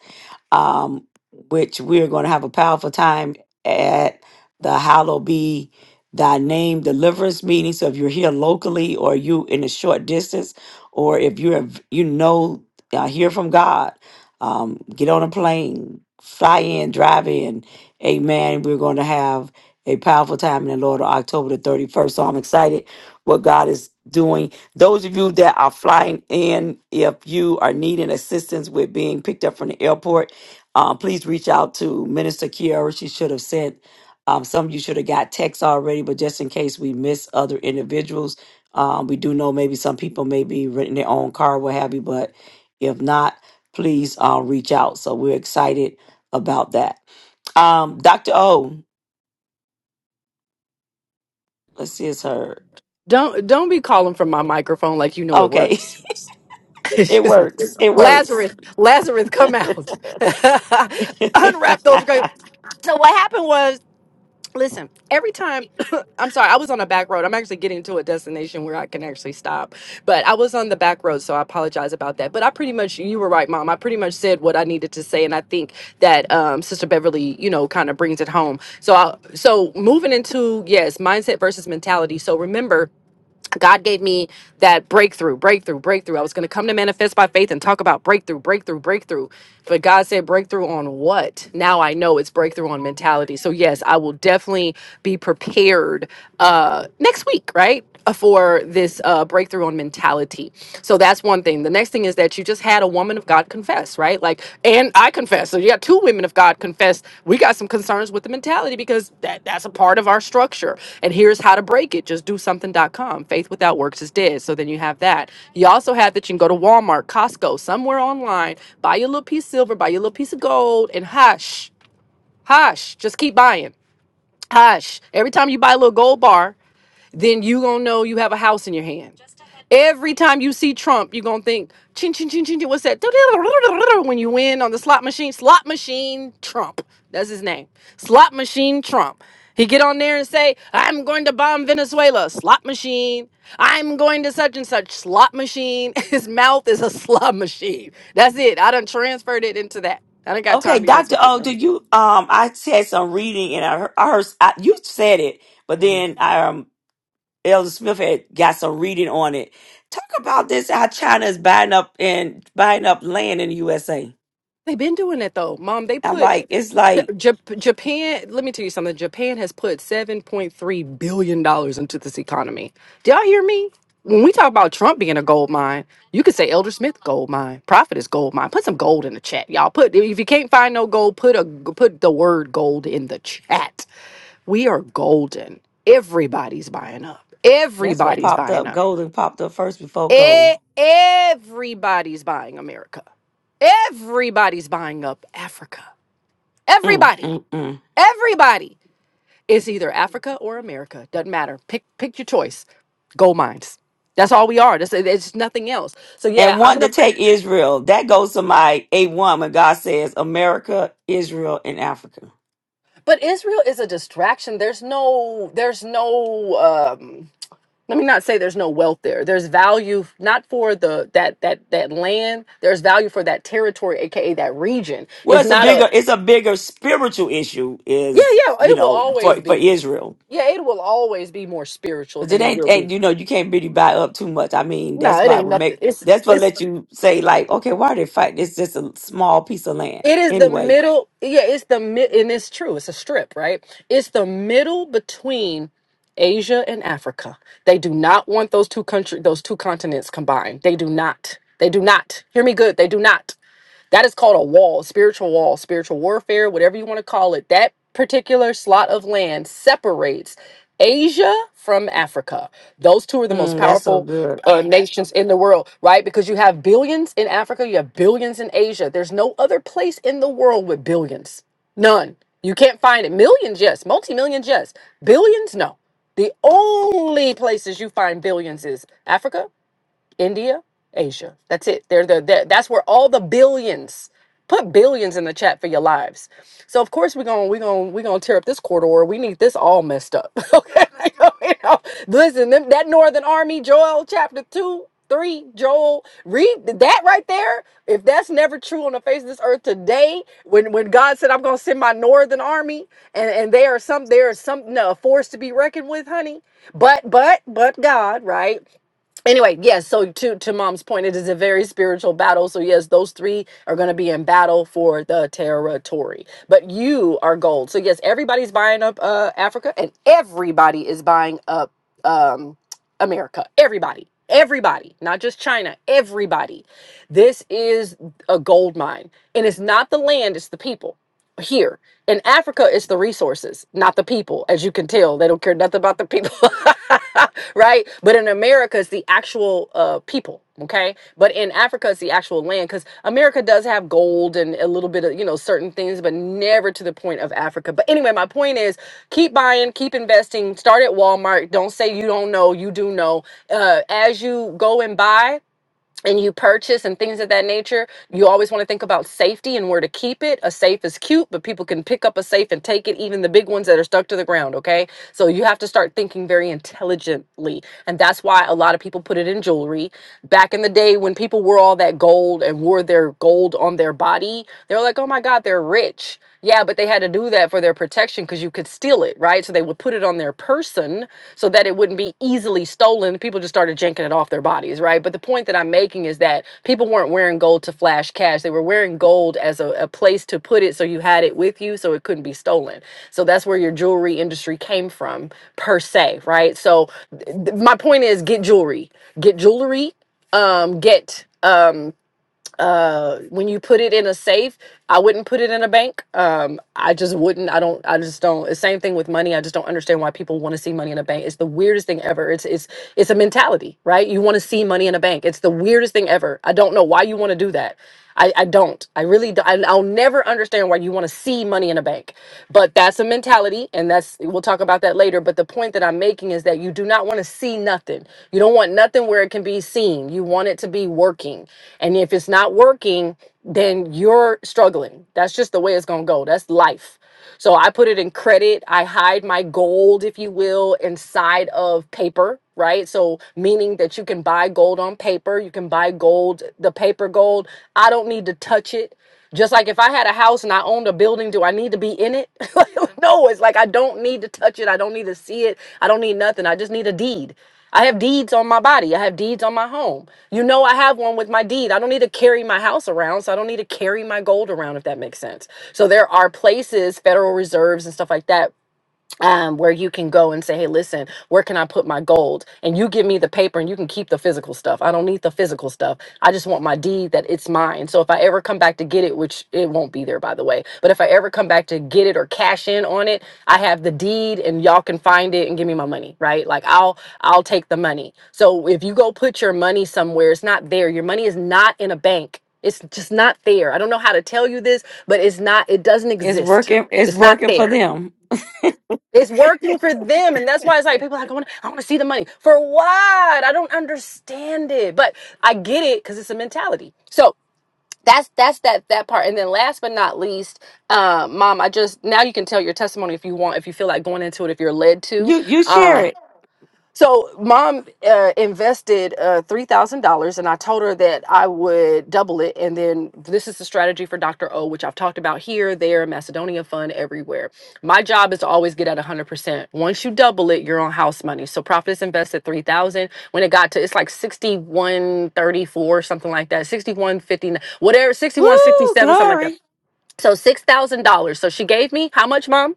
Speaker 1: um, which we're going to have a powerful time at the Hallow Be Thy Name Deliverance meeting. So if you're here locally, or you in a short distance, or if you have you know uh, hear from God, um, get on a plane, fly in, drive in. Amen. We're going to have a powerful time in the Lord on October the 31st. So I'm excited what God is doing. Those of you that are flying in, if you are needing assistance with being picked up from the airport, um, please reach out to Minister Kiara. She should have sent um, some of you should have got texts already, but just in case we miss other individuals, um, we do know maybe some people may be renting their own car, what have you. But if not, please uh, reach out. So we're excited about that. Um, Dr. O, let's see, it's her.
Speaker 10: Don't don't be calling from my microphone like you know it
Speaker 1: Okay,
Speaker 10: works.
Speaker 1: it
Speaker 10: She's like,
Speaker 1: works. It works.
Speaker 10: Lazarus, Lazarus, come out, unwrap those
Speaker 1: okay,
Speaker 10: grapes. So what happened was. Listen, every time I'm sorry, I was on a back road. I'm actually getting to a destination where I can actually stop. But I was on the back road, so I apologize about that. But I pretty much you were right, mom. I pretty much said what I needed to say and I think that um Sister Beverly, you know, kind of brings it home. So I so moving into yes, mindset versus mentality. So remember God gave me that breakthrough, breakthrough, breakthrough. I was going to come to manifest by faith and talk about breakthrough, breakthrough, breakthrough. But God said breakthrough on what? Now I know it's breakthrough on mentality. So yes, I will definitely be prepared uh next week, right? uh, For this uh breakthrough on mentality. So that's one thing. The next thing is that you just had a woman of God confess, right? Like, and I confess. So you got two women of God confess. We got some concerns with the mentality because that, that's a part of our structure. And here's how to break it. Just do something. dot com. Faith without works is dead. So then you have that. You also have that you can go to Walmart, Costco, somewhere online, buy your little piece of silver, buy your little piece of gold, and hush, hush, just keep buying. Hush. Every time you buy a little gold bar, then you gonna know you have a house in your hand. Every time you see Trump, you gonna think, chin chin chin chin chin. What's that? When you win on the slot machine, slot machine Trump. That's his name. Slot machine Trump. He get on there and say, I'm going to bomb Venezuela, slot machine. I'm going to such and such slot machine. His mouth is a slot machine. That's it. I done transferred it into that. I don't got time to be messing
Speaker 1: Dr.
Speaker 10: with it
Speaker 1: O,
Speaker 10: now.
Speaker 1: did you? Um, I said some reading and I heard, I heard I, you said it, but then I um Elder Smith had got some reading on it. Talk about this how China is buying up and buying up land in the USA.
Speaker 10: They've been doing that though, Mom. They
Speaker 1: I'm
Speaker 10: put
Speaker 1: like, it's
Speaker 10: Ja-
Speaker 1: like,
Speaker 10: Ja- Japan. Let me tell you something. Japan has put seven point three billion dollars into this economy. Do y'all hear me? When we talk about Trump being a gold mine, you could say Elder Smith gold mine, profit is gold mine. Put some gold in the chat, y'all. Put if you can't find no gold, put a put the word gold in the chat. We are golden. Everybody's buying up.
Speaker 1: that's what
Speaker 10: Everybody's
Speaker 1: popped
Speaker 10: buying
Speaker 1: up.
Speaker 10: up.
Speaker 1: Golden popped up first before
Speaker 10: E-
Speaker 1: gold.
Speaker 10: everybody's buying America. Everybody's buying up Africa.
Speaker 1: Mm,
Speaker 10: Everybody.
Speaker 1: mm, mm.
Speaker 10: Everybody is either Africa or America. Doesn't matter. Pick pick your choice. Gold mines. That's all we are. That's it's nothing else. So yeah,
Speaker 1: and
Speaker 10: I'm
Speaker 1: wanting
Speaker 10: gonna.
Speaker 1: to take Israel. That goes to my A1 when God says America, Israel, and Africa.
Speaker 10: But Israel is a distraction. There's no. There's no. Um, let me not say there's no wealth there. There's value not for the that that that land. There's value for that territory, aka that region.
Speaker 1: Well,
Speaker 10: It's
Speaker 1: it's a
Speaker 10: not a.
Speaker 1: bigger, it's a bigger spiritual issue
Speaker 10: Yeah,
Speaker 1: is,
Speaker 10: yeah,
Speaker 1: you
Speaker 10: it will
Speaker 1: know,
Speaker 10: always
Speaker 1: for, for
Speaker 10: be.
Speaker 1: Israel.
Speaker 10: Yeah, it will always be more spiritual
Speaker 1: Cause it
Speaker 10: than it
Speaker 1: ain't,
Speaker 10: will
Speaker 1: ain't,
Speaker 10: be.
Speaker 1: you know, you can't really buy up too much. I mean,
Speaker 10: No,
Speaker 1: that's
Speaker 10: it
Speaker 1: why it
Speaker 10: ain't
Speaker 1: would
Speaker 10: nothing.
Speaker 1: make,
Speaker 10: It's
Speaker 1: that's what
Speaker 10: it's
Speaker 1: let you say like, okay, why are they fighting? It's just a small piece of land.
Speaker 10: it is the
Speaker 1: Anyway,
Speaker 10: middle. Yeah, it's the mid, and it's true. It's a strip, right? It's the middle between Asia and Africa. They do not want those two country, those two continents combined. They do not. They do not. Hear me good. They do not. That is called a wall, spiritual wall, spiritual warfare, whatever you want to call it. That particular slot of land separates Asia from Africa. Those two are the most
Speaker 1: mm, that's so
Speaker 10: powerful
Speaker 1: good.
Speaker 10: uh, nations in the world, right? Because you have billions in Africa, you have billions in Asia. There's no other place in the world with billions. None. You can't find it. Millions, yes. Multi millions, yes. Billions, no. The only places you find billions is Africa India, Asia. That's it. They're the, that- that's where all the billions. Put billions in the chat for your lives. So of course we're gonna we're gonna we're gonna tear up this corridor. We need this all messed up. okay. You know, listen, them, that Northern Army, Joel chapter two, three, Joel, read that right there. If that's never true on the face of this earth today, when when God said I'm gonna send my Northern Army, and and they are some they are some no, a force to be reckoned with, honey. But but but God, right? anyway yes so to to mom's point it is a very spiritual battle so yes those three are going to be in battle for the territory but you are gold so yes everybody's buying up uh africa and everybody is buying up um america everybody everybody not just china everybody this is a gold mine and it's not the land it's the people here. In Africa, it's the resources, not the people. As you can tell, they don't care nothing about the people, right? But in America, it's the actual uh, people, okay? But in Africa, it's the actual land because America does have gold and a little bit of, you know, certain things, but never to the point of Africa. But anyway, my point is keep buying, keep investing, start at Walmart. Don't say you don't know, you do know. Uh, as you go and buy, and you purchase and things of that nature, you always want to think about safety and where to keep it. A safe is cute, but people can pick up a safe and take it, even the big ones that are stuck to the ground, okay? So you have to start thinking very intelligently. And that's why a lot of people put it in jewelry. Back in the day when people wore all that gold and wore their gold on their body, they were like, oh my God, they're rich. Yeah, but they had to do that for their protection because you could steal it, right? So they would put it on their person so that it wouldn't be easily stolen. People just started janking it off their bodies, right? But the point that I'm making is that people weren't wearing gold to flash cash. They were wearing gold as a, a place to put it so you had it with you so it couldn't be stolen. So that's where your jewelry industry came from, per se, right? So th- th- my point is get jewelry, get jewelry, um, get. Um, uh when you put it in a safe i wouldn't put it in a bank um i just wouldn't i don't i just don't it's same thing with money i just don't understand why people want to see money in a bank it's the weirdest thing ever it's it's it's a mentality right you want to see money in a bank it's the weirdest thing ever i don't know why you want to do that I, I don't. I really don't. I, I'll never understand why you want to see money in a bank. But that's a mentality, and that's we'll talk about that later. But the point that I'm making is that you do not want to see nothing. You don't want nothing where it can be seen. You want it to be working. And if it's not working, then you're struggling. That's just the way it's gonna go. That's life stuff. So I put it in credit. I hide my gold, if you will, inside of paper, right? So meaning that you can buy gold on paper, you can buy gold, the paper gold. I don't need to touch it. Just like if I had a house and I owned a building, do I need to be in it? no, it's like I don't need to touch it. I don't need to see it. I don't need nothing. I just need a deed. I have deeds on my body. I have deeds on my home. You know, I have one with my deed. I don't need to carry my house around, so I don't need to carry my gold around, if that makes sense. So there are places, Federal Reserves and stuff like that, um, where you can go and say, hey, listen, where can I put my gold? And you give me the paper and you can keep the physical stuff. I don't need the physical stuff. I just want my deed that it's mine. So if I ever come back to get it, which it won't be there, by the way, but if I ever come back to get it or cash in on it, I have the deed and y'all can find it and give me my money, right? Like I'll, I'll take the money. So if you go put your money somewhere, it's not there. Your money is not in a bank. It's just not there. I don't know how to tell you this, but it's not, it doesn't
Speaker 1: It's
Speaker 10: exist.
Speaker 1: working, it's
Speaker 10: It's not
Speaker 1: working for
Speaker 10: there.
Speaker 1: them.
Speaker 10: It's working for them. And that's why it's like people are like, I want, to I want to see the money. For what? I don't understand it. But I get it because it's a mentality. So that's that's that that part. And then last but not least, uh, mom, I just now you can tell your testimony if you want, if you feel like going into it, if you're led to.
Speaker 1: You you
Speaker 10: um,
Speaker 1: share it.
Speaker 10: so, mom uh, invested uh, $3,000, and I told her that I would double it. And then this is the strategy for Dr. O, which I've talked about here, there, Macedonia Fund, everywhere. My job is to always get at 100%. Once you double it, you're on house money. So, Profits invested 3000 When it got to, it's like 6134 something like that, Sixty one fifty, whatever,
Speaker 1: Woo,
Speaker 10: 6167 something like that.
Speaker 1: glory.
Speaker 10: So, $6,000. So, she gave me how much, mom?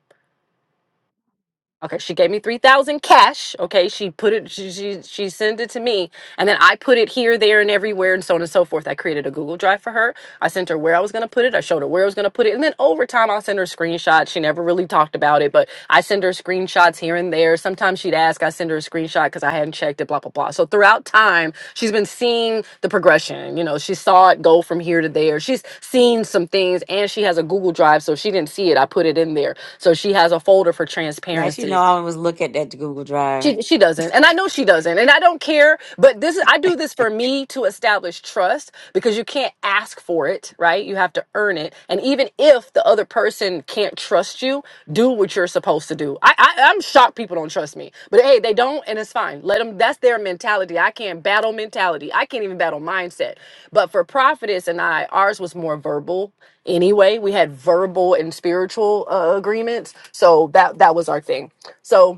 Speaker 10: Okay, she gave me three thousand cash. Okay, she put it, she, she she sent it to me, and then I put it here, there, and everywhere, and so on and so forth. I created a Google Drive for her. I sent her where I was gonna put it. I showed her where I was gonna put it, and then over time, I'll send her screenshots. She never really talked about it, but I send her screenshots screenshots here and there. Sometimes she'd ask, I send her a screenshot because I hadn't checked it, blah, blah, blah. So throughout time, she's been seeing the progression. You know, she saw it go from here to there. She's seen some things and she has a Google Drive. So if she didn't see it, I put it in there. So she has a folder for
Speaker 1: Now you
Speaker 10: transparency.
Speaker 1: know I always look at that Google Drive.
Speaker 10: She she doesn't, and I know she doesn't, and I don't care. But this is I do this for me to establish trust because you can't ask for it, right? You have to earn it, and even if the other person can't trust you, do what you're supposed to do. I, I I'm shocked people don't trust me, but hey, they don't, and it's fine. Let them. That's their mentality. I can't battle mentality. I can't even battle mindset. But for prophetess and I, ours was more verbal anyway. We had verbal and spiritual uh, agreements, so that that was our thing. So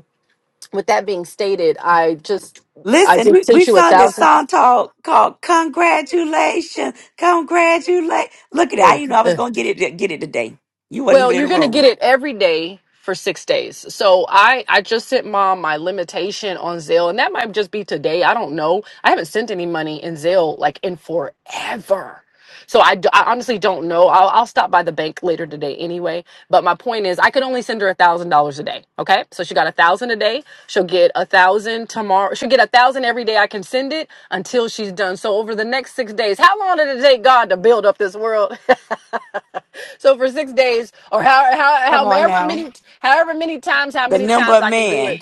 Speaker 10: with that being stated, I just I
Speaker 1: Listen,
Speaker 10: just
Speaker 1: we, we
Speaker 10: sent you a
Speaker 1: sung this
Speaker 10: thousand.
Speaker 1: song called, called Congratulations. Congratulations. Look at
Speaker 10: uh,
Speaker 1: that. You know I was
Speaker 10: uh,
Speaker 1: gonna get it get it today. You wasn't
Speaker 10: Well,
Speaker 1: even in the
Speaker 10: you're going to
Speaker 1: room.
Speaker 10: get it every day for six days. So I, I just sent mom my limitation on Zelle, and that might just be today. I don't know. I haven't sent any money in Zelle like in forever. So I, d- I honestly don't know. I'll, I'll stop by the bank later today anyway. But my point is, I could only send her a thousand dollars a day. Okay, so she got a thousand a day. She'll get a thousand tomorrow. She'll get a thousand every day. I can send it until she's done. So over the next six days, how long did it take God to build up this world? So for six days, or how, how,
Speaker 1: Come on
Speaker 10: however
Speaker 1: now.
Speaker 10: many, however many times, how
Speaker 1: The
Speaker 10: many
Speaker 1: number
Speaker 10: times
Speaker 1: of
Speaker 10: I can do
Speaker 1: man.
Speaker 10: it.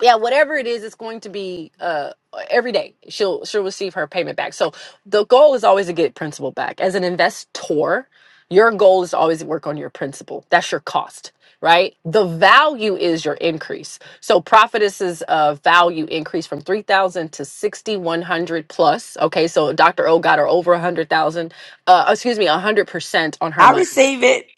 Speaker 10: Yeah, whatever it is, it's going to be uh, every day. She'll she'll receive her payment back. So the goal is always to get principal back. As an investor, your goal is always to work on your principal. That's your cost, right? The value is your increase. So prophetess's uh, value increased from three thousand to sixty one hundred plus. Okay, so Dr. O got her over a hundred thousand. Uh, excuse me, a hundred percent on her
Speaker 1: I
Speaker 10: money
Speaker 1: receive it.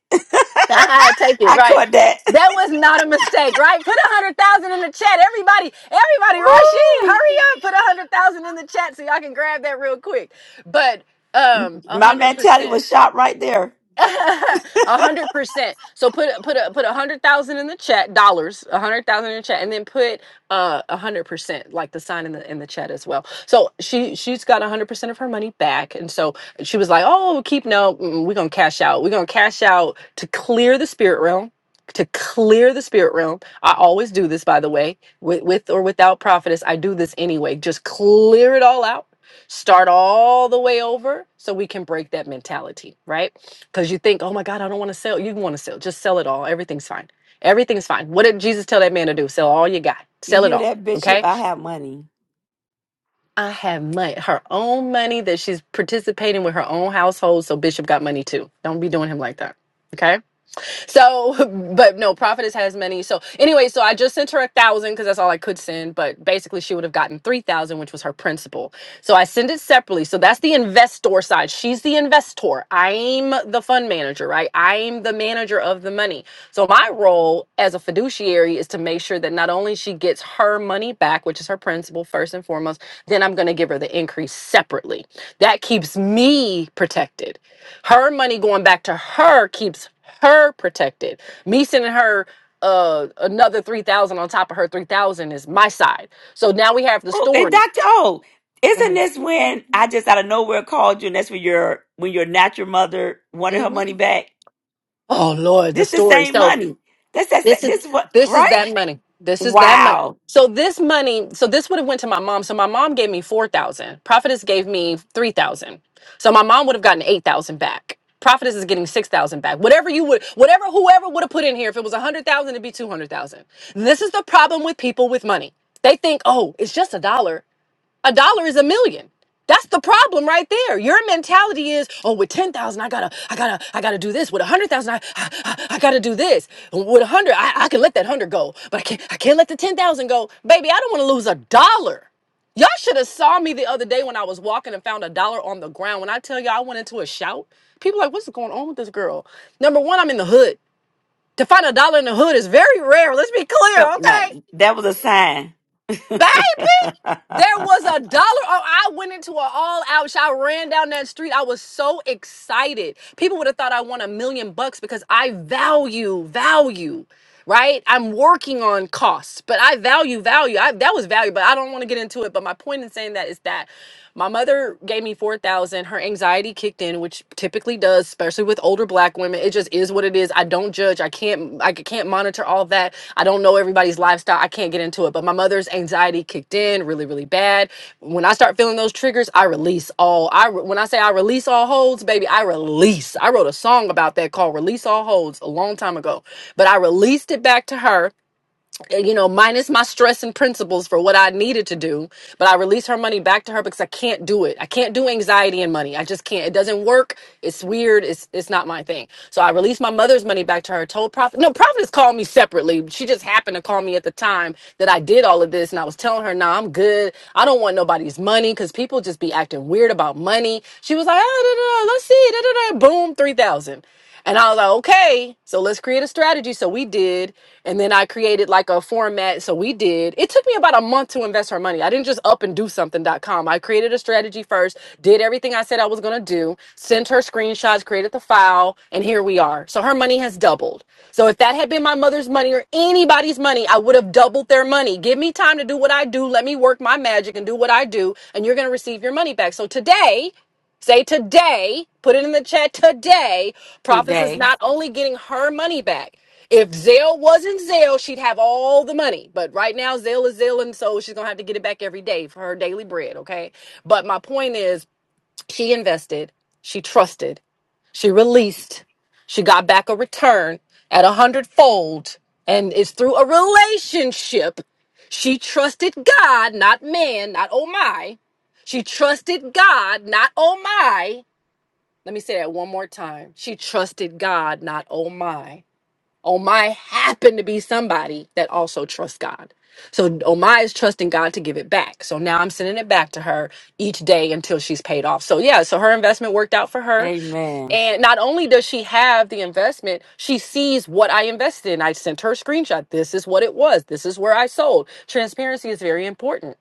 Speaker 10: Take it
Speaker 1: I
Speaker 10: right.
Speaker 1: caught that.
Speaker 10: That was not a mistake, right? Put a hundred thousand in the chat, everybody. Everybody, rush in, hurry up. Put a hundred thousand in the chat so y'all can grab that real quick. But um, a
Speaker 1: My
Speaker 10: hundred
Speaker 1: mentality
Speaker 10: percent.
Speaker 1: was shot right there.
Speaker 10: A hundred percent. So put put a put a hundred thousand in the chat dollars, a hundred thousand in the chat, and then put uh a hundred percent like the sign in the in the chat as well. So she she's got a hundred percent of her money back, and so she was like, "Oh, well, keep no, mm, we're gonna cash out. We're gonna cash out to clear the spirit realm." To clear the spirit realm, I always do this. By the way, with, with or without prophetess, I do this anyway. Just clear it all out start all the way over so we can break that mentality, right? Because you think, oh my God, I don't want to sell. You want to sell. Just sell it all. Everything's fine. Everything's fine. What did Jesus tell that man to do? Sell all you got.
Speaker 1: You
Speaker 10: Sell it
Speaker 1: hear
Speaker 10: all.
Speaker 1: that, Bishop?
Speaker 10: Okay.
Speaker 1: I have money.
Speaker 10: I have money, her own money that she's participating with her own household. So Bishop got money too. Don't be doing him like that. Okay. So, but no, prophetess has many. So, anyway, so I just sent her a thousand because that's all I could send. But basically, she would have gotten three thousand, which was her principal. So I send it separately. So that's the investor side. She's the investor. I'm the fund manager, right? I'm the manager of the money. So my role as a fiduciary is to make sure that not only she gets her money back, which is her principal first and foremost, then I'm going to give her the increase separately. That keeps me protected her money going back to her keeps her protected me sending her uh another 3000 on top of her 3000 is my side so now we have the
Speaker 1: Oh, and
Speaker 10: stories
Speaker 1: Doctor O, isn't
Speaker 10: Mhm.
Speaker 1: this when I just out of nowhere called you, and that's when your when your natural mother wanted her
Speaker 10: Mhm.
Speaker 1: money back?
Speaker 10: oh lord the
Speaker 1: This the
Speaker 10: stories
Speaker 1: same
Speaker 10: so
Speaker 1: money. That's
Speaker 10: This
Speaker 1: that.
Speaker 10: is
Speaker 1: This what
Speaker 10: this is
Speaker 1: right?
Speaker 10: that money. This is that money.
Speaker 1: Wow.
Speaker 10: So this money, so this would have went to my mom. So my mom gave me four thousand. Prophetess gave me three thousand. So my mom would have gotten eight thousand back. Prophetess is getting six thousand back. Whatever you would, whatever whoever would have put in here, if it was a hundred thousand, it'd be two hundred thousand. This is the problem with people with money. They think, oh, it's just a dollar. A dollar is a million. That's the problem right there. Your mentality is, oh, with ten thousand, I gotta, I gotta, I gotta do this. With a hundred thousand, I, I, I I gotta do this. With a hundred, I, I can let that hundred go, but I can't, I can't let the ten thousand go, baby. I don't want to lose a dollar. Y'all should have saw me the other day when I was walking and found a dollar on the ground. When I tell y'all, I went into a shout. People like, what's going on with this girl? Number one, I'm in the hood. To find a dollar in the hood is very rare. Let's be clear,
Speaker 1: Cup night.
Speaker 10: okay?
Speaker 1: That was a sign.
Speaker 10: Baby, there was a dollar. Oh, I went into an all out. I ran down that street. I was so excited. People would have thought I won a million bucks because I value value. Right, I'm working on costs, but I value value. I, that was value, but I don't want to get into it. But my point in saying that is that my mother gave me 4000. Her anxiety kicked in, which typically does, especially with older black women. It just is what it is. I don't judge. I can't I can't monitor all that. I don't know everybody's lifestyle. I can't get into it. But my mother's anxiety kicked in really really bad. When I start feeling those triggers, I release all. I when I say I release all holds, baby, I release. I wrote a song about that called Release All Holds a long time ago. But I released it back to her uh, you know, minus my stress and principles for what I needed to do, but I release her money back to her because I can't do it. I can't do anxiety and money. I just can't. It doesn't work. It's weird. It's it's not my thing. So I released my mother's money back to her. Told Prophet. No, Prophet has called me separately. She just happened to call me at the time that I did all of this, and I was telling her, "Nah, I'm good. I don't want nobody's money because people just be acting weird about money." She was like, "Ah, da, da, da, let's see." Da, da, da. Boom, three thousand. And I was like, okay, so let's create a strategy. So we did. And then I created like a format. So we did. It took me about a month to invest her money. I didn't just up and do something. dot com. I created a strategy first, did everything I said I was going to do, sent her screenshots, created the file, and here we are. So her money has doubled. So if that had been my mother's money or anybody's money, I would have doubled their money. Give me time to do what I do. Let me work my magic and do what I do. And you're going to receive your money back. So today, Say today, put it in the chat today. Prophetess is
Speaker 1: Today.
Speaker 10: not only getting her money back. If Zelle wasn't Zelle, she'd have all the money. But right now, Zelle is Zelle, and so she's gonna have to get it back every day for her daily bread, okay? But my point is, she invested, she trusted, she released, she got back a return at a hundredfold, and it's through a relationship. She trusted God, not man, not oh my. She trusted God, not oh my. Let me say that one more time. She trusted God, not oh my. Oh my happened to be somebody that also trusts God. So oh my is trusting God to give it back. So now I'm sending it back to her each day until she's paid off. So yeah, so her investment worked out for her.
Speaker 1: Amen.
Speaker 10: And not only does she have the investment, she sees what I invested in. I sent her a screenshot. This is what it was. This is where I sold. Transparency is very important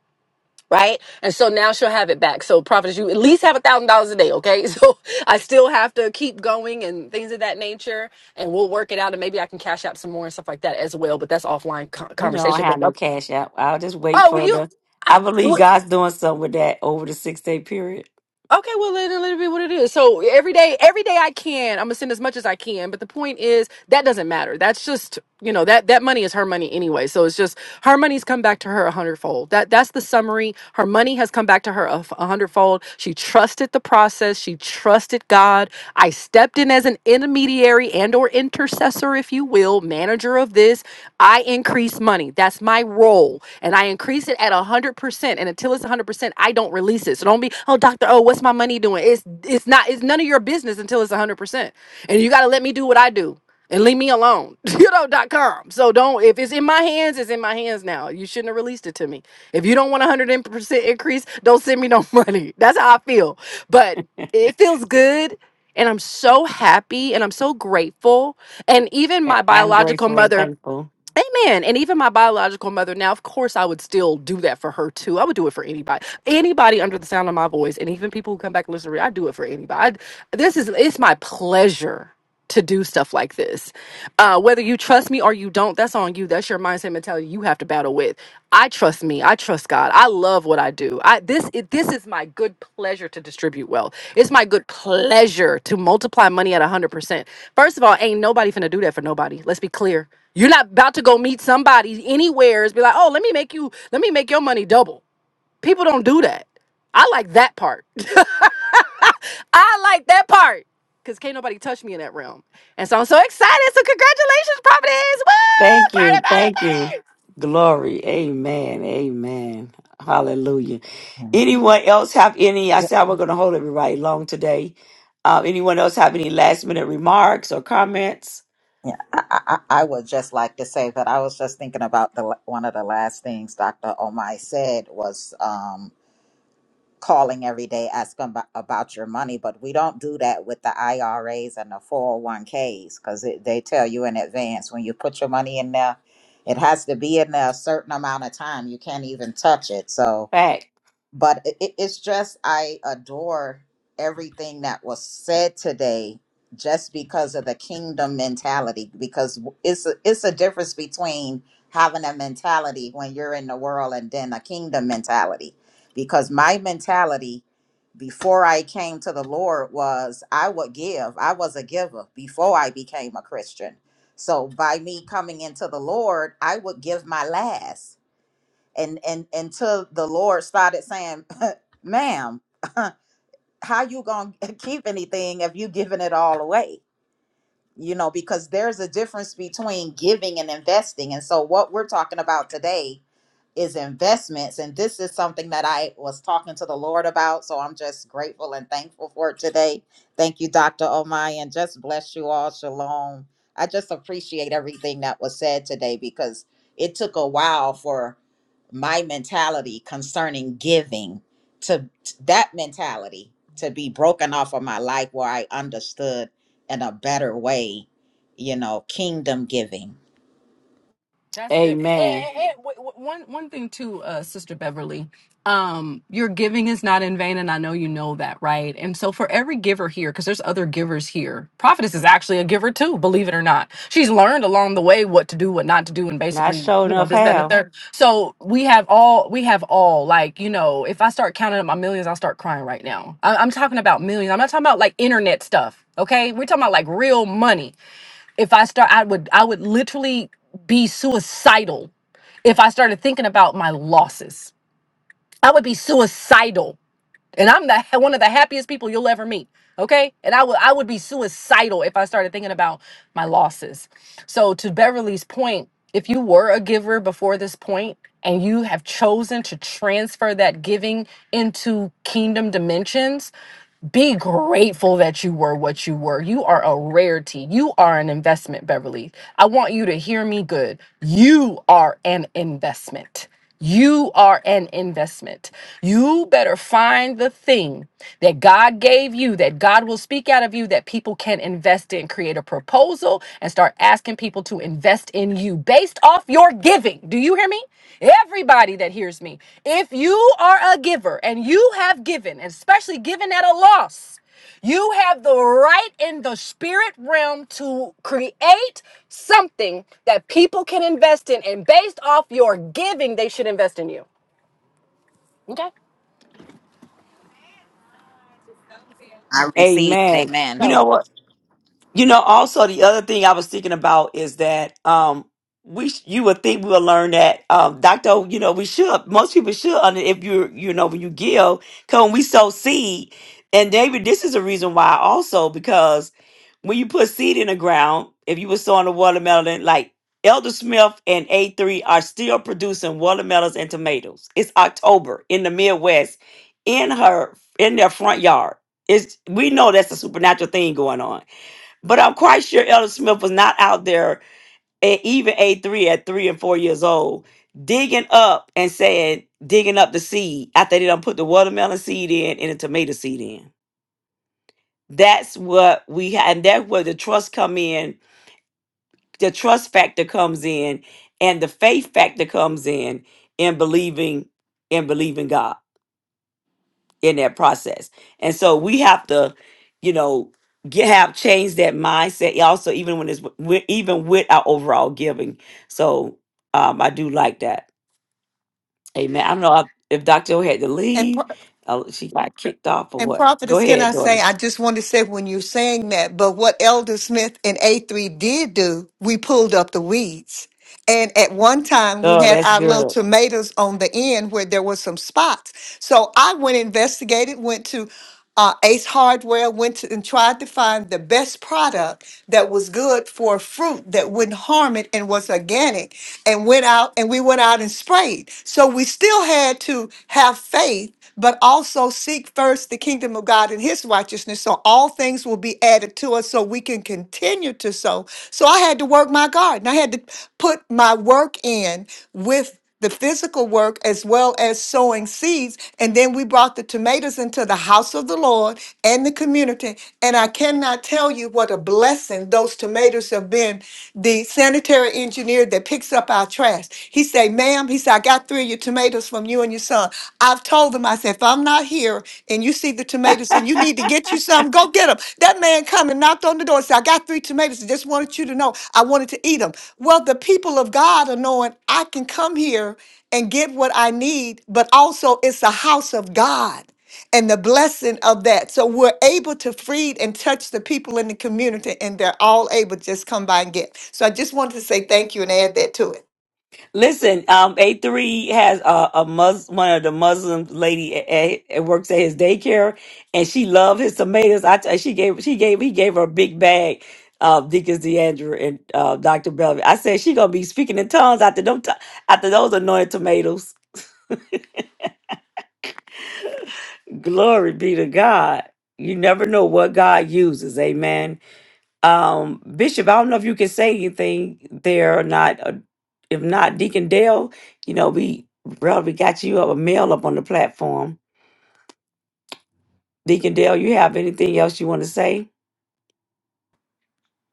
Speaker 10: right? And so now she'll have it back. So prophetess, you at least have a thousand dollars a day, okay? So I still have to keep going and things of that nature, and we'll work it out, and maybe I can cash out some more and stuff like that as well. But that's offline co-
Speaker 1: You don't
Speaker 10: conversation. But
Speaker 1: have no
Speaker 10: oh,
Speaker 1: cash out. I'll just wait
Speaker 10: oh,
Speaker 1: for
Speaker 10: you.
Speaker 1: the I
Speaker 10: I,
Speaker 1: believe God's doing something with that over the six day period.
Speaker 10: Okay, well, let it, let it be what it is. So every day, every day I can, I'm gonna send as much as I can. But the point is, that doesn't matter. That's just, you know, that that money is her money anyway. So it's just her money's come back to her a hundredfold. That that's the summary. Her money has come back to her a, f- a hundredfold. She trusted the process. She trusted God. I stepped in as an intermediary and or intercessor, if you will, manager of this. I increase money. That's my role. And I increase it at 100%. And until it's 100%, I don't release it. So don't be, oh, Dr. O, what's my money doing? It's, it's not, it's none of your business until it's 100%. And you got to let me do what I do and leave me alone, you know, dot com. So don't, if it's in my hands, it's in my hands now. You shouldn't have released it to me. If you don't want a 100% increase, don't send me no money. That's how I feel. But it feels good and I'm so happy and I'm so grateful. And even
Speaker 1: And
Speaker 10: my
Speaker 1: I'm
Speaker 10: biological
Speaker 1: grateful and
Speaker 10: mother,
Speaker 1: thankful.
Speaker 10: Amen. And even my biological mother, now, of course, I would still do that for her too. I would do it for anybody, anybody under the sound of my voice. And even people who come back and listen to me, I do it for anybody. I- this is, it's my pleasure to do stuff like this. Uh, whether you trust me or you don't, that's on you. That's your mindset mentality you have to battle with. I trust me. I trust God. I love what I do. I, this, it, this is my good pleasure to distribute wealth. It's my good pleasure to multiply money at 100%. First of all, ain't nobody finna do that for nobody. Let's be clear. You're not about to go meet somebody anywhere and be like, oh, let me make you, let me make your money double. People don't do that. I like that part. I like that part. Cause can't nobody touch me in that realm. And so I'm so excited. So congratulations, Providence. Woo!
Speaker 1: Thank
Speaker 10: Party,
Speaker 1: you.
Speaker 10: party,
Speaker 1: Thank
Speaker 10: party.
Speaker 1: you. Glory. Amen. Amen. Hallelujah. Anyone else have any? I said we're going to hold everybody long today. Uh, anyone else have any last minute remarks or comments?
Speaker 8: Yeah, I, I, I would just like to say that I was just thinking about the one of the last things Dr. Omai said was um, calling every day asking about, about your money, but we don't do that with the IRAs and the 401ks because they tell you in advance when you put your money in there, it has to be in there a certain amount of time. You can't even touch it. So
Speaker 1: Fact.
Speaker 8: but it, it- it's just I adore everything that was said today just because of the kingdom mentality because it's a, it's a difference between having a mentality when you're in the world and then a kingdom mentality because my mentality before I came to the Lord was I would give I was a giver before I became a Christian so by me coming into the Lord I would give my last and and until the lord started saying ma'am how you gonna keep anything if you giving it all away you know because there's a difference between giving and investing and so what we're talking about today is investments. And this is something that I was talking to the Lord about. So I'm just grateful and thankful for it today. Thank you, Dr. Omai, and just bless you all. Shalom. I just appreciate everything that was said today because it took a while for my mentality concerning giving to t- that mentality to be broken off of my life where I understood in a better way, you know, kingdom giving.
Speaker 10: That's good. And, and-
Speaker 1: Amen.
Speaker 10: and w- w- one one thing too, uh, Sister Beverly, um, your giving is not in vain, and I know you know that, right? And so for every giver here, because there's other givers here, Prophetess is actually a giver too, believe it or not. She's learned along the way what to do, what not to do, and
Speaker 1: Not
Speaker 10: basically,
Speaker 1: sure
Speaker 10: you know,
Speaker 1: enough
Speaker 10: this, that, and the
Speaker 1: how.
Speaker 10: third. So we have all, we have all, like, you know, if I start counting up my millions, I'll start crying right now. I- I'm talking about millions. I'm not talking about like internet stuff. Okay, we're talking about like real money if I start I would I would literally be suicidal if I started thinking about my losses. I would be suicidal. And I'm the one of the happiest people you'll ever meet. Okay? And I would I would be suicidal if I started thinking about my losses. So to Beverly's point, if you were a giver before this point and you have chosen to transfer that giving into kingdom dimensions, be grateful that you were what you were. You are a rarity. You are an investment, Beverly. I want you to hear me good. You are an investment. You are an investment. You better find the thing that God gave you, that God will speak out of you, that people can invest in. Create a proposal and start asking asking people to invest in you based off your giving. Do you hear me? Everybody that hears me, if you are a giver and you have given, especially given at a loss, you have the right in the spirit realm to create something that people can invest in. And based off your giving, they should invest in you. Okay.
Speaker 8: I received it.
Speaker 1: Amen.
Speaker 8: Amen.
Speaker 1: You
Speaker 10: so.
Speaker 1: know what? You know, also the other thing I was thinking about is that um we sh- you would think we would learn that um doctor, you know, we should most people should under if you you know when you give, cause when we sow seed, and David, this is a reason why also because when you put seed in the ground, if you were sowing a watermelon, like Elder Smith and A3 are still producing watermelons and tomatoes. It's October in the Midwest, in her in their front yard. It's we know that's a supernatural thing going on. But I'm quite sure Elder Smith was not out there at even age three, at three and four years old, digging up and saying, digging up the seed after they done put the watermelon seed in and the tomato seed in. That's what we had, and that's where the trust come in, the trust factor comes in, and the faith factor comes in in believing in believing God. in that process. And so we have to, you know, get have changed that mindset. Also, even when it's wi- even with our overall giving. So um, I do like that. Amen. I don't know if Dr. O had to
Speaker 7: and. par-
Speaker 1: leave. uh, she got kicked off or
Speaker 7: And
Speaker 1: what. Go
Speaker 7: prophetess, can I
Speaker 1: ahead,
Speaker 7: say,
Speaker 1: daughter.
Speaker 7: I just want to say when you're saying that, but what Elder Smith and A3 did do, we pulled up the weeds. And at one time we
Speaker 1: Oh,
Speaker 7: had
Speaker 1: that's
Speaker 7: our little
Speaker 1: good.
Speaker 7: tomatoes on the end where there was some spots. So I went investigated, went to uh, Ace Hardware, went to, and tried to find the best product that was good for fruit that wouldn't harm it and was organic. And went out and we went out and sprayed. So we still had to have faith, but also seek first the the kingdom of God and his righteousness. So all things will be added to us so we can continue to sow. So I had to work my garden. I had to put my work in with the physical work as well as sowing seeds. And then we brought the tomatoes into the house of the Lord and the community. And I cannot tell you what a blessing those tomatoes have been. The sanitary sanitary engineer that picks up our trash. He say, ma'am, he said, I got three of your tomatoes from you and your son. I've told him, I said, if I'm not here and you see the tomatoes and you need to get you some, go get them. That man come and knocked on the door and said, I got three tomatoes. I just wanted you to know I wanted to eat them. Well, the people of God are knowing I can come here and get what I need, but also it's a house of God and the blessing of that. So we're able to feed and touch the people in the community, and they're all able to just come by and get. So I just wanted to say thank you and add that to it.
Speaker 1: Listen, um, A three has a, a Mus one of the Muslim lady at, at, works at his daycare, and she loved his tomatoes. I t- uh, she gave she gave he gave her a big bag of Deacons DeAndre and uh, Doctor Belvin. I said she gonna be speaking in tongues after them t- after those anointed tomatoes. Glory be to God. You never know what God uses. Amen. Um, Bishop, I don't know if you can say anything there or not. Uh, If not, Deacon Dale, you know, we brother, we got you up a mail up on the platform. Deacon Dale, you have anything else you want to say?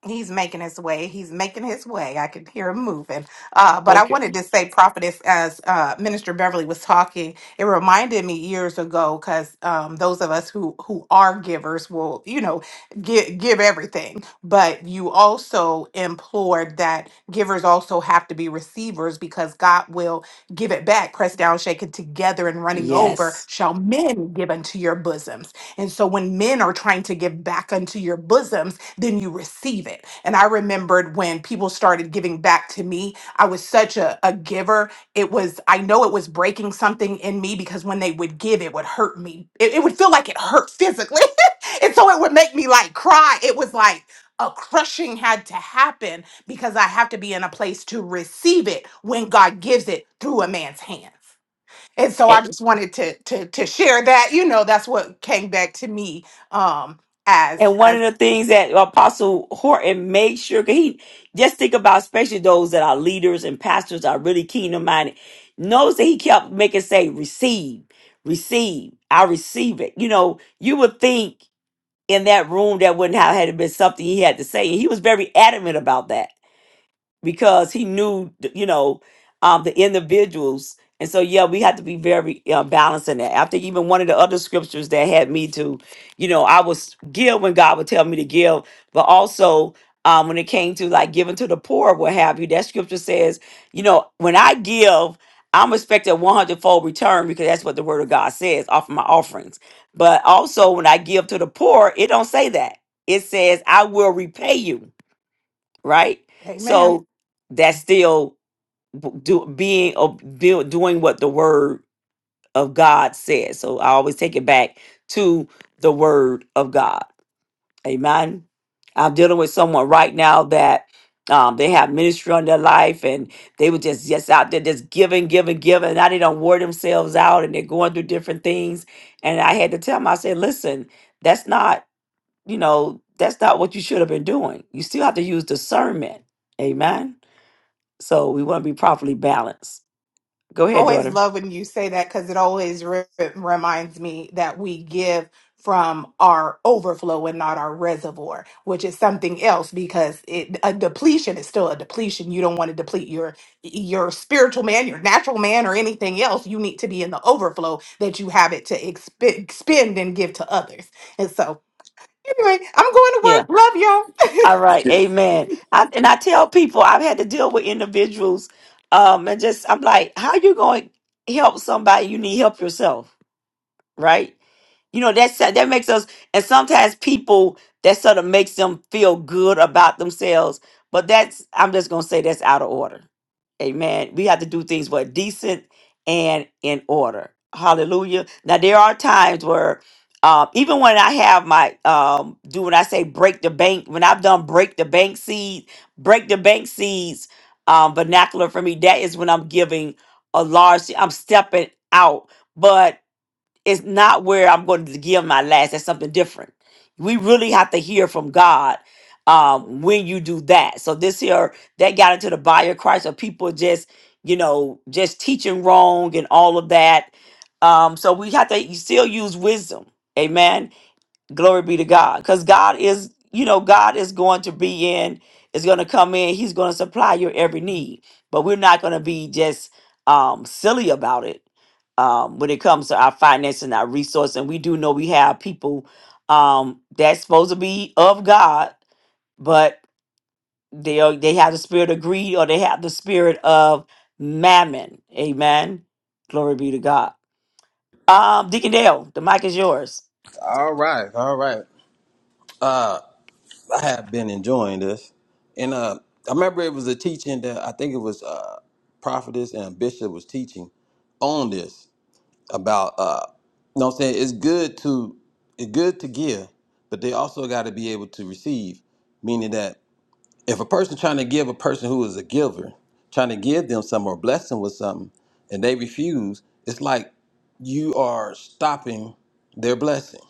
Speaker 2: He's making his way. He's making his way. I could hear him moving. Uh, but I
Speaker 1: Okay.
Speaker 2: wanted to say, prophetess, as uh, Minister Beverly was talking, it reminded me years ago because um, those of us who who are givers will, you know, give give everything. But you also implored that givers also have to be receivers because God will give it back, pressed down, shaken together, and running over.
Speaker 1: Yes.
Speaker 2: Shall men give unto your bosoms? And so when men are trying to give back unto your bosoms then you receive it. And I remembered when people started giving back to me, I was such a, a giver. It was, I know it was breaking something in me because when they would give, it would hurt me. It, it would feel like it hurt physically. and so it would make me like cry. It was like a crushing had to happen because I have to be in a place to receive it when God gives it through a man's hands. And so
Speaker 1: A-
Speaker 2: I just wanted to to to share that. You know, that's what came back to me um as
Speaker 1: And one of
Speaker 2: as
Speaker 1: the things that Apostle Horton made sure, 'cause he just think about, especially those that are leaders and pastors are really kingdom minded, knows that he kept making say, receive, receive, I receive it. You know, you would think in that room that wouldn't have had been something he had to say. And he was very adamant about that because he knew, you know, um, the individuals. And so, yeah, we had to be very uh, balanced in that. I think even one of the other scriptures that had me to, you know, I was give when God would tell me to give, but also um, when it came to like giving to the poor, what have you, that scripture says, you know, when I give, I'm expecting a hundredfold return because that's what the word of God says off of my offerings. But also when I give to the poor, it don't say that. It says, I will repay you right?
Speaker 2: Amen.
Speaker 1: So that's still b- do, being a, do, doing what the word of God says. So I always take it back to the word of God. Amen. I'm dealing with someone right now that um, they have ministry on their life and they were just just out there just giving, giving, giving. Now they don't wear themselves out and they're going through different things. And I had to tell them, I said, listen, that's not, you know, that's not what you should have been doing. You still have to use discernment. Amen so we want to be properly balanced. Go
Speaker 2: I
Speaker 1: ahead,
Speaker 2: always
Speaker 1: daughter.
Speaker 2: love when you say that because it always re- reminds me that we give from our overflow and not our reservoir, which is something else because it, a depletion is still a depletion. You don't want to deplete your your spiritual man, your natural man, or anything else. You need to be in the overflow that you have it to exp- expend and give to others. and so. Anyway, I'm going to
Speaker 1: Yeah.
Speaker 2: work. Love
Speaker 1: All right. Amen.
Speaker 2: y'all.
Speaker 1: I, and I tell people I've had to deal with individuals, um, and just I'm like, how you going to help somebody? You need help yourself right? You know, that's that makes us and sometimes people that sort of makes them feel good about themselves, but that's I'm just gonna say that's out of order. Amen. We have to do things what decent and in order. Hallelujah. Now there are times where um, even when I have my um do when I say break the bank, when I've done break the bank seed, break the bank seeds um vernacular for me, that is when I'm giving a large I'm stepping out. But it's not where I'm going to give my last. That's something different. We really have to hear from God um, when you do that. So this here, that got into the body of Christ of people just, you know, just teaching wrong and all of that. Um, so we have to still use wisdom. Amen. Glory be to God. Because God is, you know, God is going to be in, is going to come in. He's going to supply your every need. But we're not going to be just um, silly about it um, when it comes to our finances and our resource. And we do know we have people um, that's supposed to be of God, but they are, they have the spirit of greed or they have the spirit of mammon. Amen. Glory be to God. Um, Deacon Dale, the mic is yours.
Speaker 5: All right, all right. Uh, I have been enjoying this, and uh, I remember it was a teaching that I think it was uh, prophetess and bishop was teaching on this, about uh you know what I'm saying it's good to it's good to give, but they also gotta be able to receive. Meaning that if a person trying to give a person who is a giver, trying to give them something or bless them with something, and they refuse, it's like you are stopping their blessing.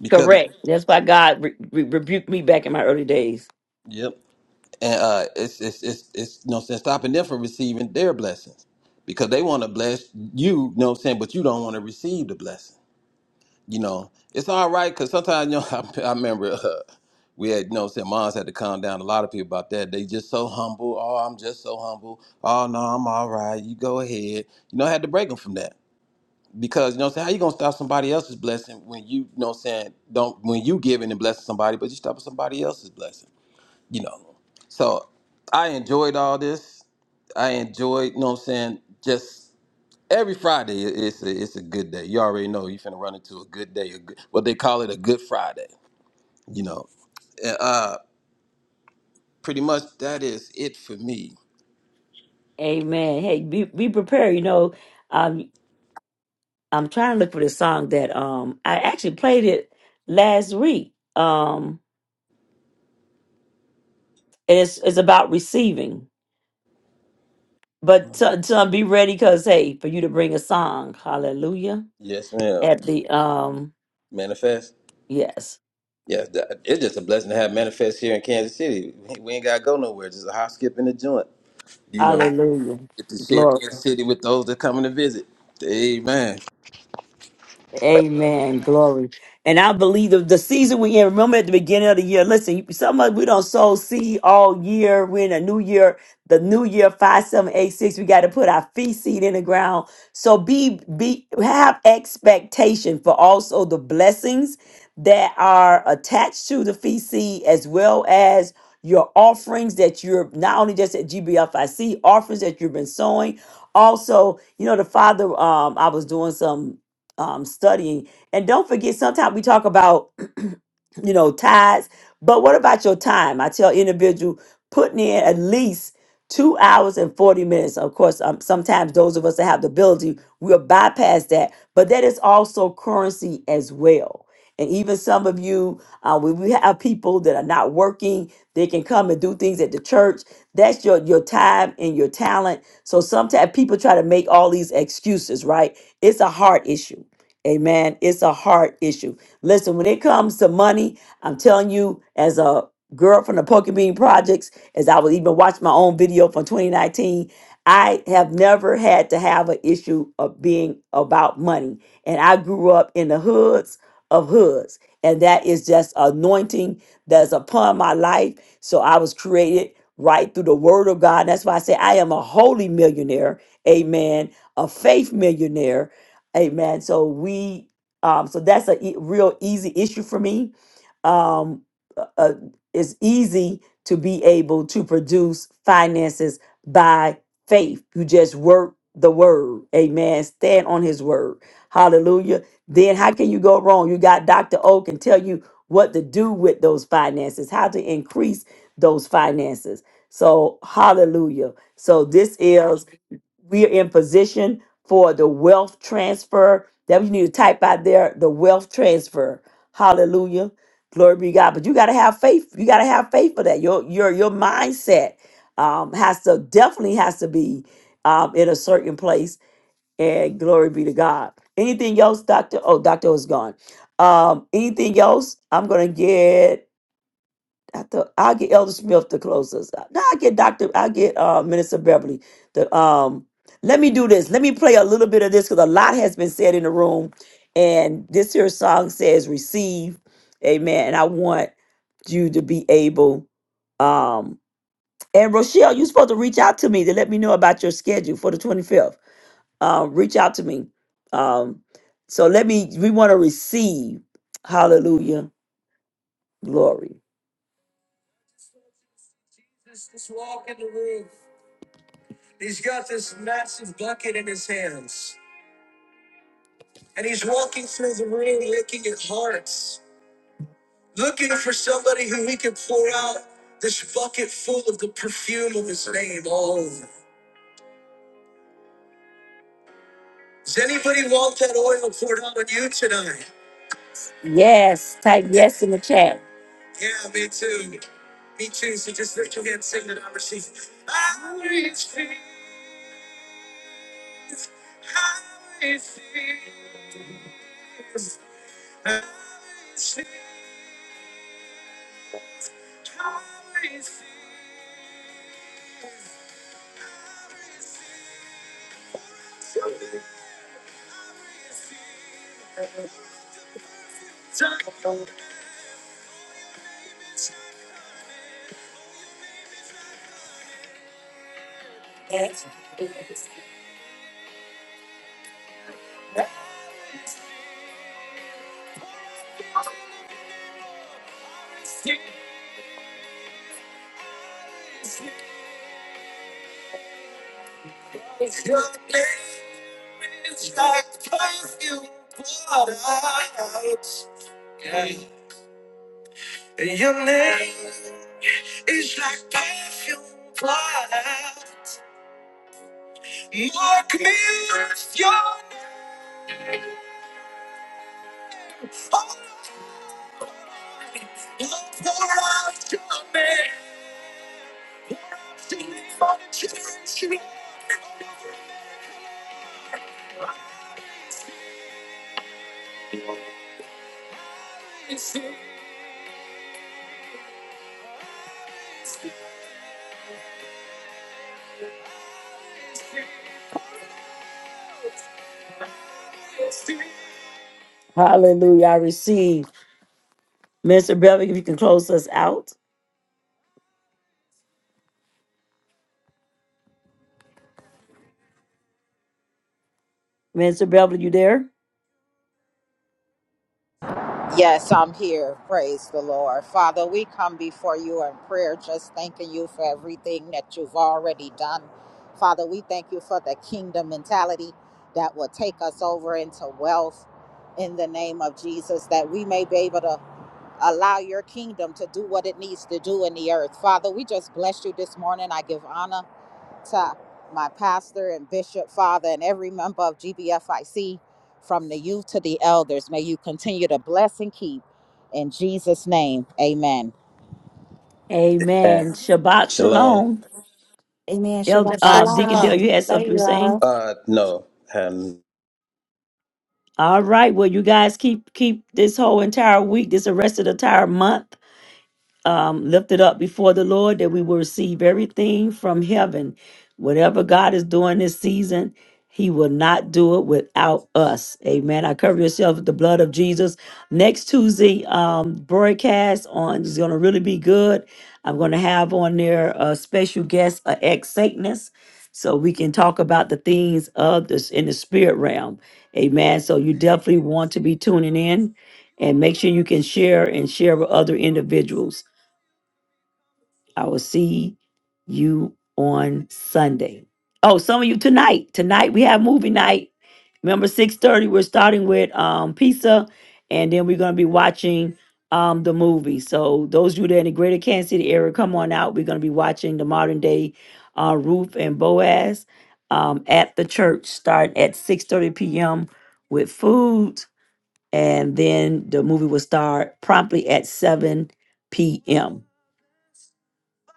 Speaker 5: Because
Speaker 1: Correct. That's why God re- re- rebuked me back in my early days.
Speaker 5: Yep. And uh it's it's it's it's you know what I'm saying stopping them from receiving their blessings. Because they want to bless you, you know what I'm saying, but you don't want to receive the blessing. you know, it's all right because sometimes, you know, I, I remember uh, we had, you know, what saying moms had to calm down a lot of people about that. They just so humble. Oh, I'm just so humble. Oh, no, I'm all right. You go ahead. You know, I had to break them from that because, you know, what saying how you going to stop somebody else's blessing when you, you know, what I'm saying don't, when you giving and blessing somebody, but you stopping somebody else's blessing, you know. So I enjoyed all this. I enjoyed, you know, what I'm saying just. Every Friday, i- it's a, it's a good day. You already know you finna run into a good day. A good, what they call it, a good Friday. You know, pretty much that is it for me.
Speaker 1: Amen. Hey, be be prepared. You know, um, I'm trying to look for the song that um I actually played it last week. Um, and it's it's about receiving. But so, so be ready, cause hey, for you to bring a song, Hallelujah,
Speaker 5: Yes, ma'am.
Speaker 1: at the um
Speaker 5: Manifest.
Speaker 1: yes,
Speaker 5: Yeah, that, it's just a blessing to have manifest here in Kansas City. We we ain't gotta go nowhere. Just a hop, skip, and a joint. You know, get
Speaker 1: Hallelujah,
Speaker 5: to share
Speaker 1: glory.
Speaker 5: Kansas City with those that coming to visit. Amen.
Speaker 1: Amen. Glory. And I believe the, the season we in, remember at the beginning of the year, listen, you- some of us, we don't sow seed all year. We're in a new year, the new year, 5786. We got to put our feet seed in the ground. So be, be, have expectation for also the blessings that are attached to the fee seed as well as your offerings that you're not only just at GBFIC, offerings that you've been sowing. Also, you know, the father, um, I was doing some um, studying. And don't forget, sometimes we talk about, you know, tides, but what about your time? I tell individual putting in at least two hours and 40 minutes. Of course, um, sometimes those of us that have the ability, we'll bypass that, but that is also currency as well. And even some of you, uh, when we have people that are not working, they can come and do things at the church. That's your your time and your talent. So sometimes people try to make all these excuses, right? It's a heart issue Amen. It's a heart issue. Listen, when it comes to money, I'm telling you, as a girl from the Poker Bean Projects, as I was even watching my own video from 2019, I have never had to have an issue of being about money. And I grew up in the hoods of hoods. And that is just anointing that's upon my life. So I was created right through the word of God. That's why I say I am a holy millionaire. Amen. A faith millionaire Amen. So we, um, so that's a e- real easy issue for me. Um, uh, uh, it's easy to be able to produce finances by faith. You just work the word. Amen. Stand on His word. Hallelujah. Then how can you go wrong? You got Doctor O can tell you what to do with those finances, how to increase those finances. So hallelujah. So this is we're in position for the wealth transfer. That you need to type out there the wealth transfer. Hallelujah. Glory be to God. But you gotta have faith. You gotta have faith for that. Your your your mindset um has to definitely has to be um in a certain place. And glory be to God. Anything else, Doctor? Oh, Doctor was gone. Um, anything else? I'm gonna get I thought I'll get Elder Smith to close us out. No, I get Doctor. I get uh, Minister Beverly. The um, let me do this. Let me play a little bit of this because a lot has been said in the room, and this here song says "Receive," Amen. And I want you to be able. Um, and Rochelle, you're supposed to reach out to me to let me know about your schedule for the 25th. Um, reach out to me. Um, so let me. We want to receive. Hallelujah, glory. Yes, type yes in the chat. Hallelujah. I receive. Minister Beverly, if you can close us out. Minister Beverly, you there?
Speaker 8: Yes, I'm here. Praise the Lord. Father, we come before you in prayer, just thanking you for everything that you've already done. Father, we thank you for the kingdom mentality that will take us over into wealth in the name of Jesus, that we may be able to allow your kingdom to do what it needs to do in the earth. Father, we just bless you this morning. I give honor to my pastor and bishop, father, and every member of GBFIC, from the youth to the elders. May you continue to bless and keep. In Jesus' name, amen.
Speaker 1: Amen.
Speaker 5: Yeah.
Speaker 1: Shabbat
Speaker 5: Shalom.
Speaker 1: shalom.
Speaker 4: Amen.
Speaker 1: El,
Speaker 4: Shabbat
Speaker 1: uh, Deacon
Speaker 4: shalom.
Speaker 1: Dale, you had
Speaker 4: Love
Speaker 1: something you were
Speaker 4: you
Speaker 1: saying?
Speaker 4: all.
Speaker 5: Uh, no, hadn't
Speaker 1: All right. Well, you guys keep keep this whole entire week, this arrested entire month. um, lifted up before the Lord, that we will receive everything from heaven. Whatever God is doing this season, He will not do it without us. Amen. I cover yourself with the blood of Jesus. Next Tuesday um, broadcast on is going to really be good. I'm going to have on there a special guest, a ex Satanist, so we can talk about the things of this in the spirit realm. Amen. So you definitely want to be tuning in and make sure you can share and share with other individuals. I will see you on Sunday. Oh, some of you tonight. Tonight we have movie night. Remember, six thirty. We're starting with um pizza, and then we're gonna be watching um the movie. So those of you that are in the Greater Kansas City area, come on out. We're gonna be watching the modern day uh, Ruth and Boaz um, at the church. Start at six thirty p.m. with food, and then the movie will start promptly at seven p.m.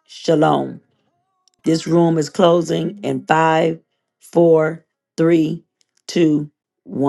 Speaker 1: Shalom. This room is closing in five, four, three, two, one.